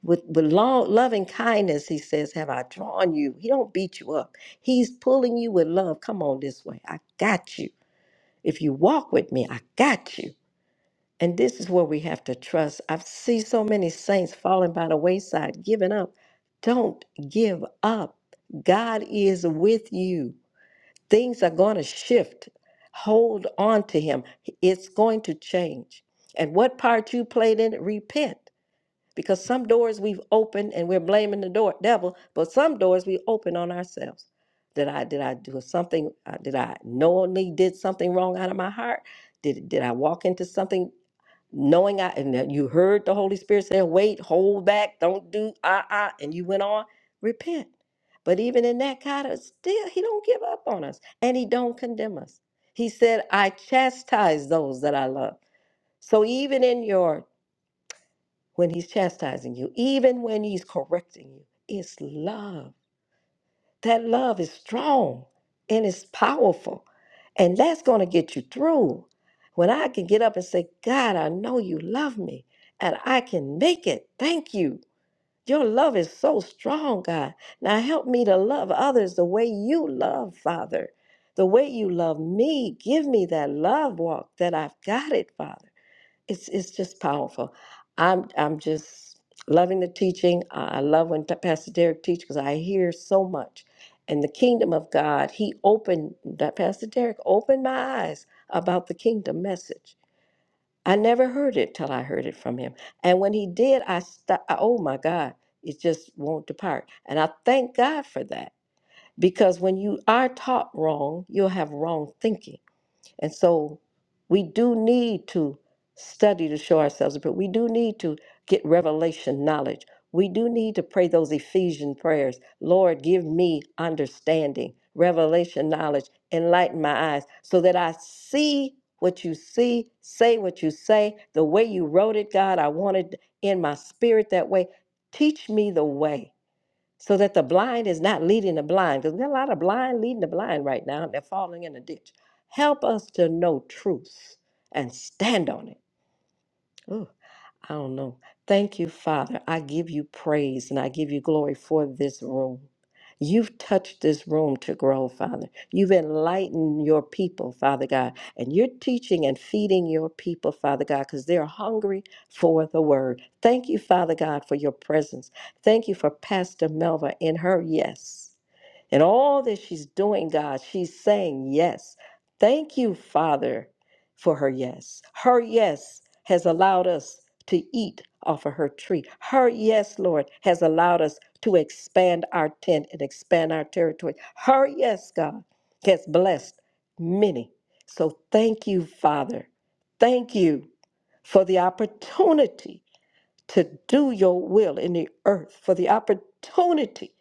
With, with long, loving kindness, he says, Have I drawn you? He don't beat you up. He's pulling you with love. Come on this way. I got you. If you walk with me, I got you. And this is where we have to trust. i see so many saints falling by the wayside, giving up. Don't give up. God is with you. Things are going to shift. Hold on to Him. It's going to change. And what part you played in it, repent. Because some doors we've opened and we're blaming the door, devil, but some doors we open on ourselves. Did I did I do something? Uh, did I knowingly did something wrong out of my heart? Did did I walk into something? knowing I and that you heard the Holy Spirit say, wait, hold back, don't do ah ah, and you went on, repent. But even in that kind of still, he don't give up on us and he don't condemn us. He said, I chastise those that I love. So even in your when he's chastising you, even when he's correcting you, it's love. That love is strong and it's powerful. And that's going to get you through. When I can get up and say, God, I know you love me and I can make it. Thank you. Your love is so strong, God. Now help me to love others the way you love, Father, the way you love me. Give me that love walk that I've got it, Father it's it's just powerful. I'm I'm just loving the teaching. I I love when Ta- Pastor Derek teaches because I hear so much. And the kingdom of God, he opened that Pastor Derek opened my eyes about the kingdom message. I never heard it till I heard it from him. And when he did, I st- oh my God, it just won't depart. And I thank God for that because when you are taught wrong, you'll have wrong thinking and so we do need to study to show ourselves approved. We do need to get revelation knowledge. We do need to pray those Ephesian prayers. Lord, give me understanding, revelation knowledge, enlighten my eyes so that I see what you see, say what you say, the way you wrote it, God. I want it in my spirit that way. Teach me the way so that the blind is not leading the blind because we got a lot of blind leading the blind right now they're falling in a ditch help us to know truth and stand on it I don't know. Thank you, Father. I give you praise and I give you glory for this room. You've touched this room to grow, Father. You've enlightened your people, Father God, and you're teaching and feeding your people, Father God, because they're hungry for the word. Thank you, Father God, for your presence. Thank you for Pastor Melva and her yes. And all that she's doing, God, she's saying yes. Thank you, Father, for her yes. Her yes has allowed us to eat off of her tree. Her yes, Lord, has allowed us to expand our tent and expand our territory. Her yes, God, has blessed many. So thank you, Father. Thank you for the opportunity to do your will in the earth, for the opportunity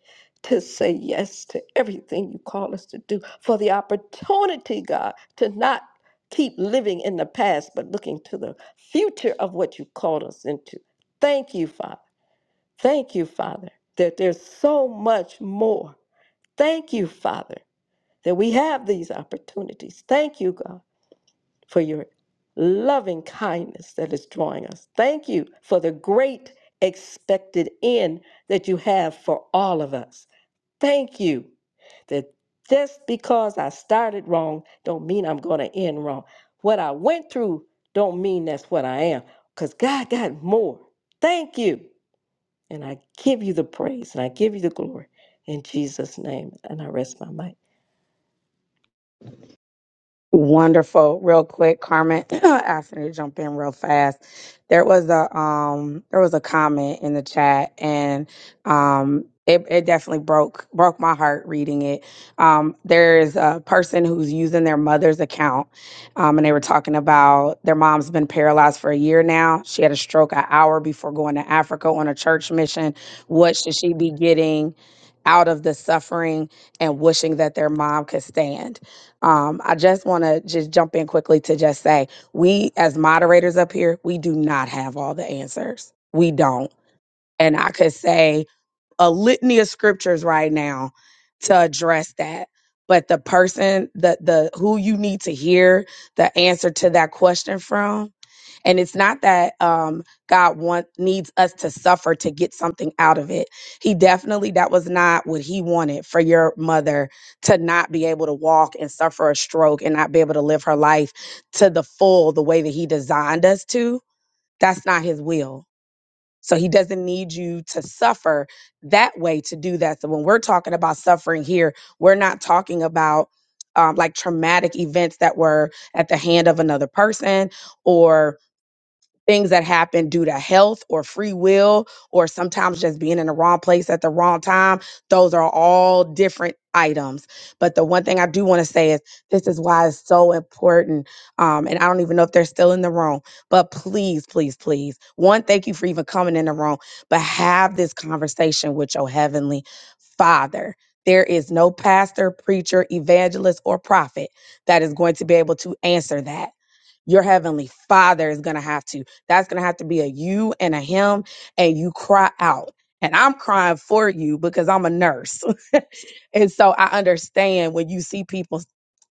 to say yes to everything you call us to do, for the opportunity, God, to not keep living in the past, but looking to the future of what you called us into. Thank you, Father. Thank you, Father, that there's so much more. Thank you, Father, that we have these opportunities. Thank you, God for your loving kindness that is drawing us. Thank you for the great expected end that you have for all of us. Thank you that just because I started wrong don't mean I'm going to end wrong. What I went through don't mean that's what I am cuz God got more. Thank you. And I give you the praise and I give you the glory in Jesus name and I rest my mic. Wonderful. Real quick, Carmen, asking you to jump in real fast. There was a um there was a comment in the chat and um it, it definitely broke broke my heart reading it. Um there is a person who's using their mother's account um and they were talking about their mom's been paralyzed for a year now. She had a stroke an hour before going to Africa on a church mission. What should she be getting out of the suffering and wishing that their mom could stand? Um, I just want to just jump in quickly to just say we, as moderators up here, we do not have all the answers. We don't. And I could say a litany of scriptures right now to address that. But the person, the the who you need to hear the answer to that question from, and it's not that um, God want needs us to suffer to get something out of it. He definitely that was not what He wanted for your mother to not be able to walk and suffer a stroke and not be able to live her life to the full the way that He designed us to. That's not His will so he doesn't need you to suffer that way to do that. So when we're talking about suffering here, we're not talking about um, like traumatic events that were at the hand of another person or things that happen due to health or free will or sometimes just being in the wrong place at the wrong time those are all different items but the one thing i do want to say is this is why it's so important um, and i don't even know if they're still in the room but please please please one thank you for even coming in the room but have this conversation with your heavenly father there is no pastor, preacher, evangelist, or prophet that is going to be able to answer that. Your heavenly father is going to have to. That's going to have to be a you and a him. And you cry out. And I'm crying for you because I'm a nurse. and so I understand when you see people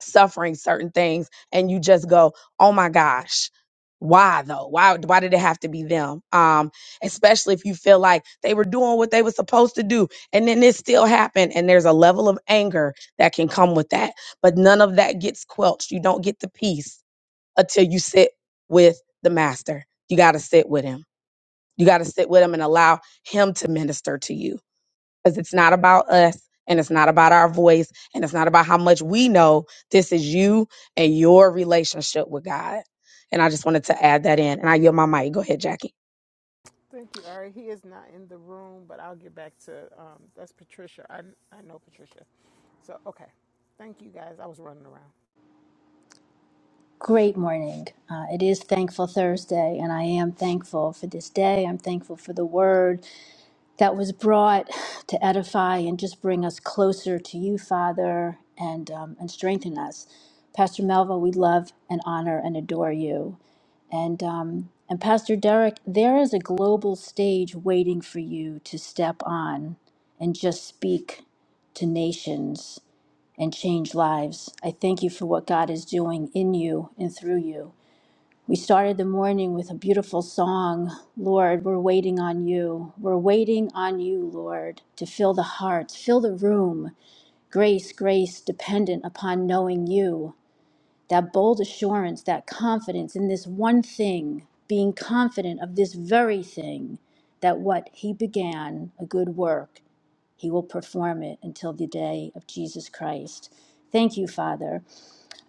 suffering certain things and you just go, oh my gosh. Why though? Why why did it have to be them? Um, especially if you feel like they were doing what they were supposed to do and then this still happened and there's a level of anger that can come with that but none of that gets quelched. You don't get the peace until you sit with the master. You got to sit with him. You got to sit with him and allow him to minister to you because it's not about us and it's not about our voice and it's not about how much we know. This is you and your relationship with God. And I just wanted to add that in. And I yield my mic. Go ahead, Jackie. Thank you, Ari. He is not in the room, but I'll get back to um, that's Patricia. I I know Patricia. So okay, thank you guys. I was running around. Great morning. Uh, it is Thankful Thursday, and I am thankful for this day. I'm thankful for the word that was brought to edify and just bring us closer to you, Father, and um, and strengthen us. Pastor Melva, we love and honor and adore you. And um, and Pastor Derek, there is a global stage waiting for you to step on and just speak to nations and change lives. I thank you for what God is doing in you and through you. We started the morning with a beautiful song. Lord, we're waiting on you. We're waiting on you, Lord, to fill the hearts, fill the room. Grace, grace dependent upon knowing you. That bold assurance, that confidence in this one thing, being confident of this very thing, that what He began, a good work, he will perform it until the day of Jesus Christ. Thank you, Father.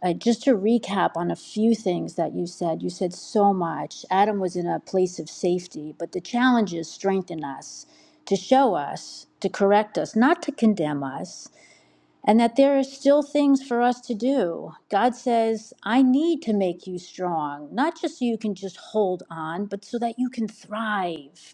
Uh, just to recap on a few things that you said, you said so much. Adam was in a place of safety, but the challenges strengthen us to show us, to correct us, not to condemn us, and that there are still things for us to do. God says, I need to make you strong, not just so you can just hold on, but so that you can thrive.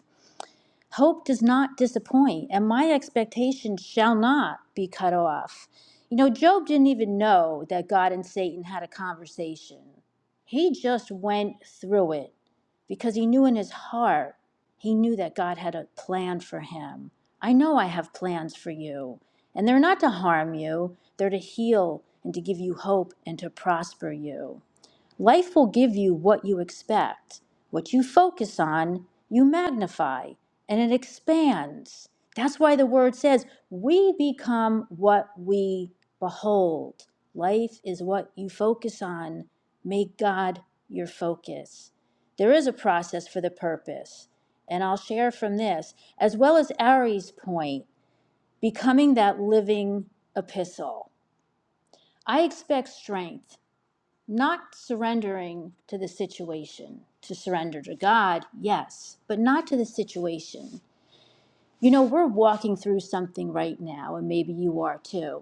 Hope does not disappoint, and my expectation shall not be cut off. You know, Job didn't even know that God and Satan had a conversation. He just went through it because he knew in his heart, he knew that God had a plan for him. I know I have plans for you, and they're not to harm you, they're to heal and to give you hope and to prosper you. Life will give you what you expect. What you focus on, you magnify and it expands. That's why the word says, we become what we behold. Life is what you focus on. Make God your focus. There is a process for the purpose. And I'll share from this, as well as Ari's point, becoming that living epistle. I expect strength not surrendering to the situation to surrender to god yes but not to the situation you know we're walking through something right now and maybe you are too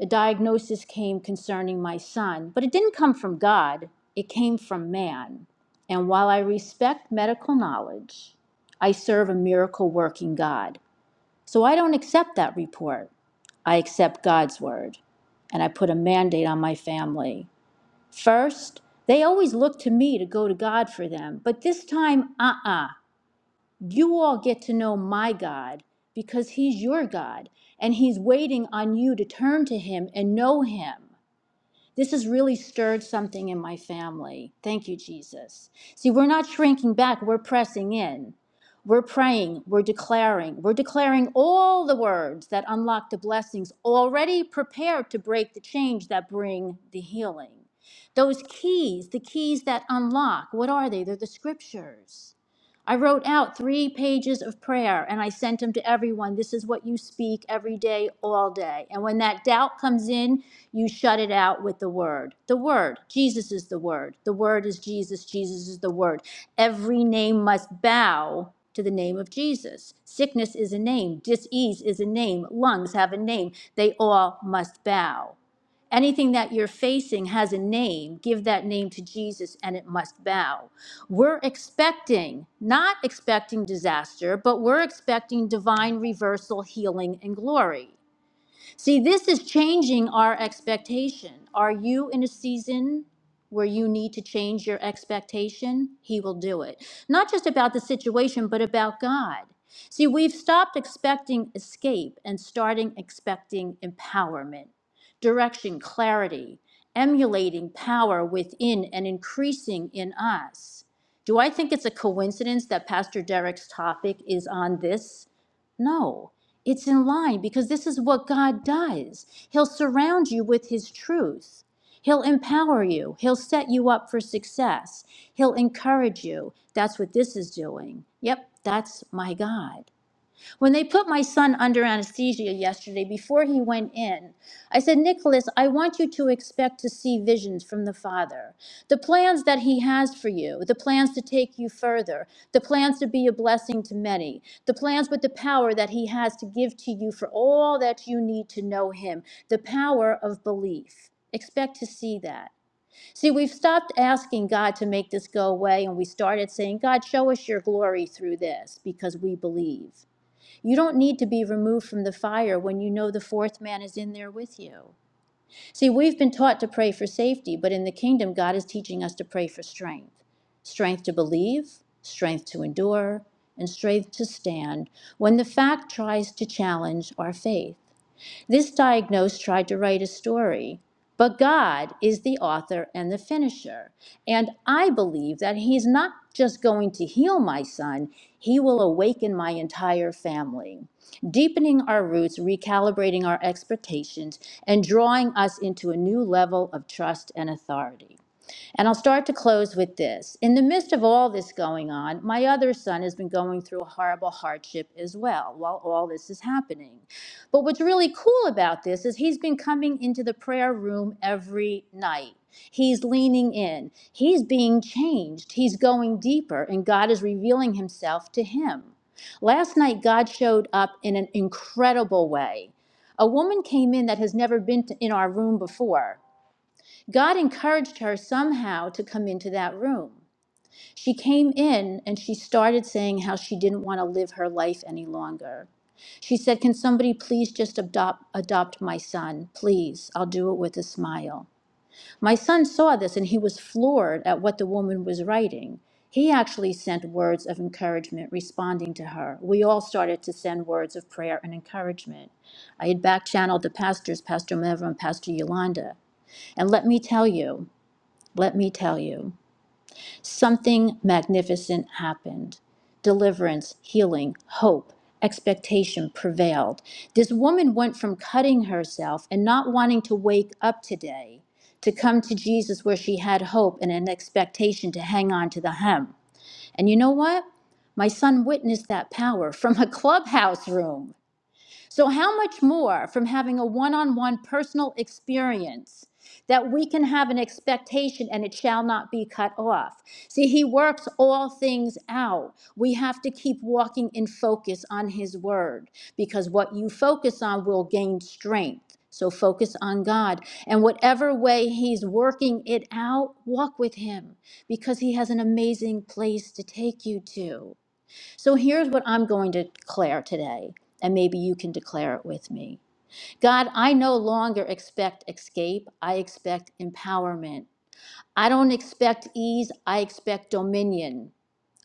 a diagnosis came concerning my son but it didn't come from god it came from man and while i respect medical knowledge i serve a miracle working god so i don't accept that report i accept god's word and i put a mandate on my family First, they always look to me to go to God for them, but this time, uh uh You all get to know my God because He's your God, and He's waiting on you to turn to Him and know Him. This has really stirred something in my family. Thank you, Jesus. See, we're not shrinking back, we're pressing in. We're praying, we're declaring, we're declaring all the words that unlock the blessings already prepared to break the change that bring the healing. Those keys, the keys that unlock, what are they? They're the scriptures. I wrote out three pages of prayer and I sent them to everyone. This is what you speak every day, all day. And when that doubt comes in, you shut it out with the word. The word. Jesus is the word. The word is Jesus. Jesus is the word. Every name must bow to the name of Jesus. Sickness is a name. Disease is a name. Lungs have a name. They all must bow. Anything that you're facing has a name. Give that name to Jesus and it must bow. We're expecting, not expecting disaster, but we're expecting divine reversal, healing, and glory. See, this is changing our expectation. Are you in a season where you need to change your expectation? He will do it. Not just about the situation, but about God. See, we've stopped expecting escape and starting expecting empowerment, direction, clarity, emulating power within and increasing in us. Do I think it's a coincidence that Pastor Derek's topic is on this? No. It's in line because this is what God does. He'll surround you with His truth. He'll empower you. He'll set you up for success. He'll encourage you. That's what this is doing. Yep, that's my God. When they put my son under anesthesia yesterday before he went in, I said, Nicholas, I want you to expect to see visions from the Father. The plans that he has for you, the plans to take you further, the plans to be a blessing to many, the plans with the power that he has to give to you for all that you need to know him, the power of belief. Expect to see that. See, we've stopped asking God to make this go away and we started saying, God, show us your glory through this because we believe. You don't need to be removed from the fire when you know the fourth man is in there with you. See, we've been taught to pray for safety, but in the kingdom, God is teaching us to pray for strength strength to believe, strength to endure, and strength to stand when the fact tries to challenge our faith. This diagnose tried to write a story, but God is the author and the finisher. And I believe that He's not just going to heal my son, He will awaken my entire family, deepening our roots, recalibrating our expectations, and drawing us into a new level of trust and authority. And I'll start to close with this. In the midst of all this going on, my other son has been going through a horrible hardship as well while all this is happening. But what's really cool about this is he's been coming into the prayer room every night. He's leaning in. He's being changed. He's going deeper, and God is revealing himself to him. Last night, God showed up in an incredible way. A woman came in that has never been in our room before. God encouraged her somehow to come into that room. She came in and she started saying how she didn't want to live her life any longer. She said, Can somebody please just adopt, adopt my son? Please, I'll do it with a smile. My son saw this and he was floored at what the woman was writing. He actually sent words of encouragement responding to her. We all started to send words of prayer and encouragement. I had back channeled the pastors, Pastor Mevra and Pastor Yolanda. And let me tell you, let me tell you, something magnificent happened. Deliverance, healing, hope, expectation prevailed. This woman went from cutting herself and not wanting to wake up today to come to Jesus where she had hope and an expectation to hang on to the hem. And you know what? My son witnessed that power from a clubhouse room. So, how much more from having a one on one personal experience that we can have an expectation and it shall not be cut off? See, He works all things out. We have to keep walking in focus on His word because what you focus on will gain strength. So, focus on God. And whatever way He's working it out, walk with Him because He has an amazing place to take you to. So here's what I'm going to declare today, and maybe you can declare it with me. God, I no longer expect escape, I expect empowerment. I don't expect ease, I expect dominion.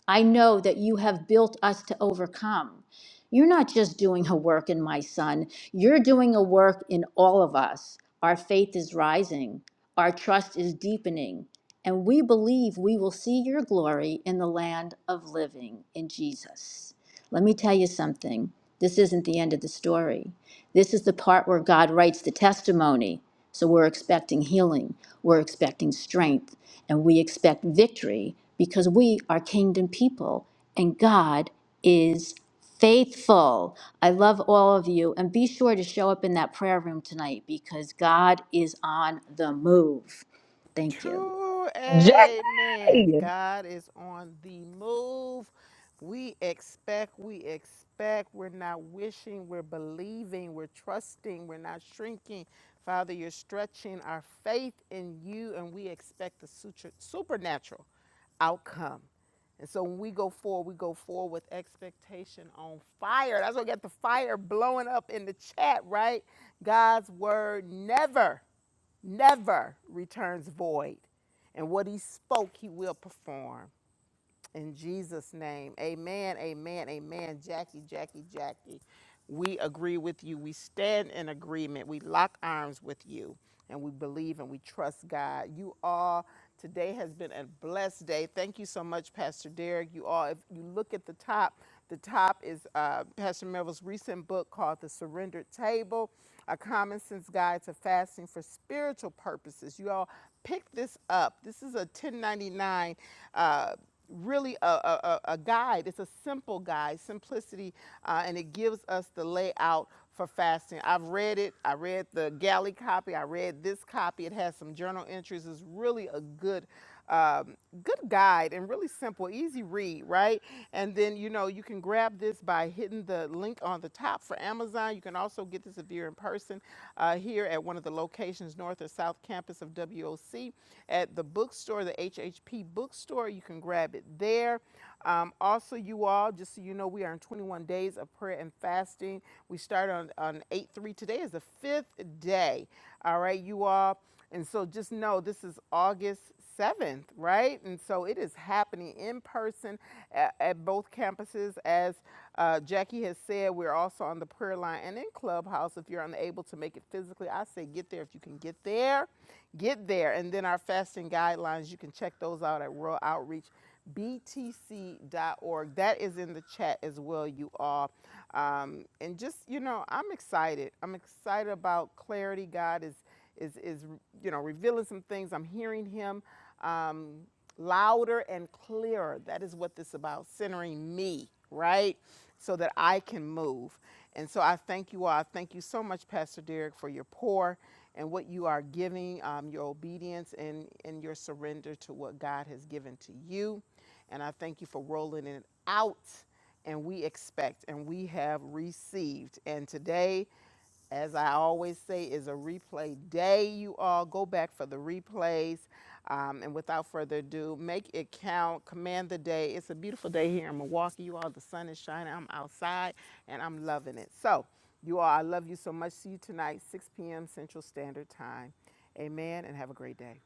I know that you have built us to overcome. You're not just doing a work in my son, you're doing a work in all of us. Our faith is rising, our trust is deepening, and we believe we will see your glory in the land of living in Jesus. Let me tell you something this isn't the end of the story. This is the part where God writes the testimony. So we're expecting healing, we're expecting strength and we expect victory because we are kingdom people and God is faithful. I love all of you and be sure to show up in that prayer room tonight because God is on the move. Thank you. True, Jackie. amen. God is on the move. We expect, we expect. We're not wishing, we're believing, we're trusting, we're not shrinking. Father, you're stretching our faith in you, and we expect the suture- supernatural outcome. And so when we go forward, we go forward with expectation on fire. That's what got the fire blowing up in the chat, right? God's word never never returns void. And what he spoke, he will perform. In Jesus' name, amen, amen, amen. Jackie, Jackie, Jackie, we agree with you. We stand in agreement. We lock arms with you and we believe and we trust God. You all, today has been a blessed day. Thank you so much, Pastor Derek. You all, if you look at the top, the top is uh, Pastor Melville's recent book called The Surrendered Table A Common Sense Guide to Fasting for Spiritual Purposes. You all pick this up. This is a 1099. Uh, really a, a, a guide. It's a simple guide, simplicity, uh, and it gives us the layout for fasting. I've read it. I read the galley copy. I read this copy. It has some journal entries. It's really a good, um, good guide and really simple, easy read, right? And then you know you can grab this by hitting the link on the top for Amazon. You can also get this if you're in person uh, here at one of the local locations, North or South Campus of WOC, at the bookstore, the HHP bookstore. You can grab it there. Um, also, you all, just so you know, we are in 21 days of prayer and fasting. We start on, on 8 3. Today is the fifth day. All right, you all. And so just know this is August 7th, right? And so it is happening in person at, at both campuses as uh, Jackie has said we're also on the prayer line and in Clubhouse. If you're unable to make it physically, I say get there. If you can get there, get there. And then our fasting guidelines, you can check those out at World Outreach btc.org. That is in the chat as well, you all. Um, and just, you know, I'm excited. I'm excited about clarity. God is is, is you know, revealing some things. I'm hearing him um, louder and clearer. That is what this is about, centering me, right? So that I can move. And so I thank you all. I thank you so much, Pastor Derek, for your pour and what you are giving, um, your obedience and, and your surrender to what God has given to you. And I thank you for rolling it out and we expect and we have received. And today as I always say, is a replay day. You all go back for the replays. Um, and without further ado, make it count. Command the day. It's a beautiful day here in Milwaukee. You all, the sun is shining. I'm outside and I'm loving it. So, you all, I love you so much. See you tonight, 6 p.m. Central Standard Time. Amen and have a great day.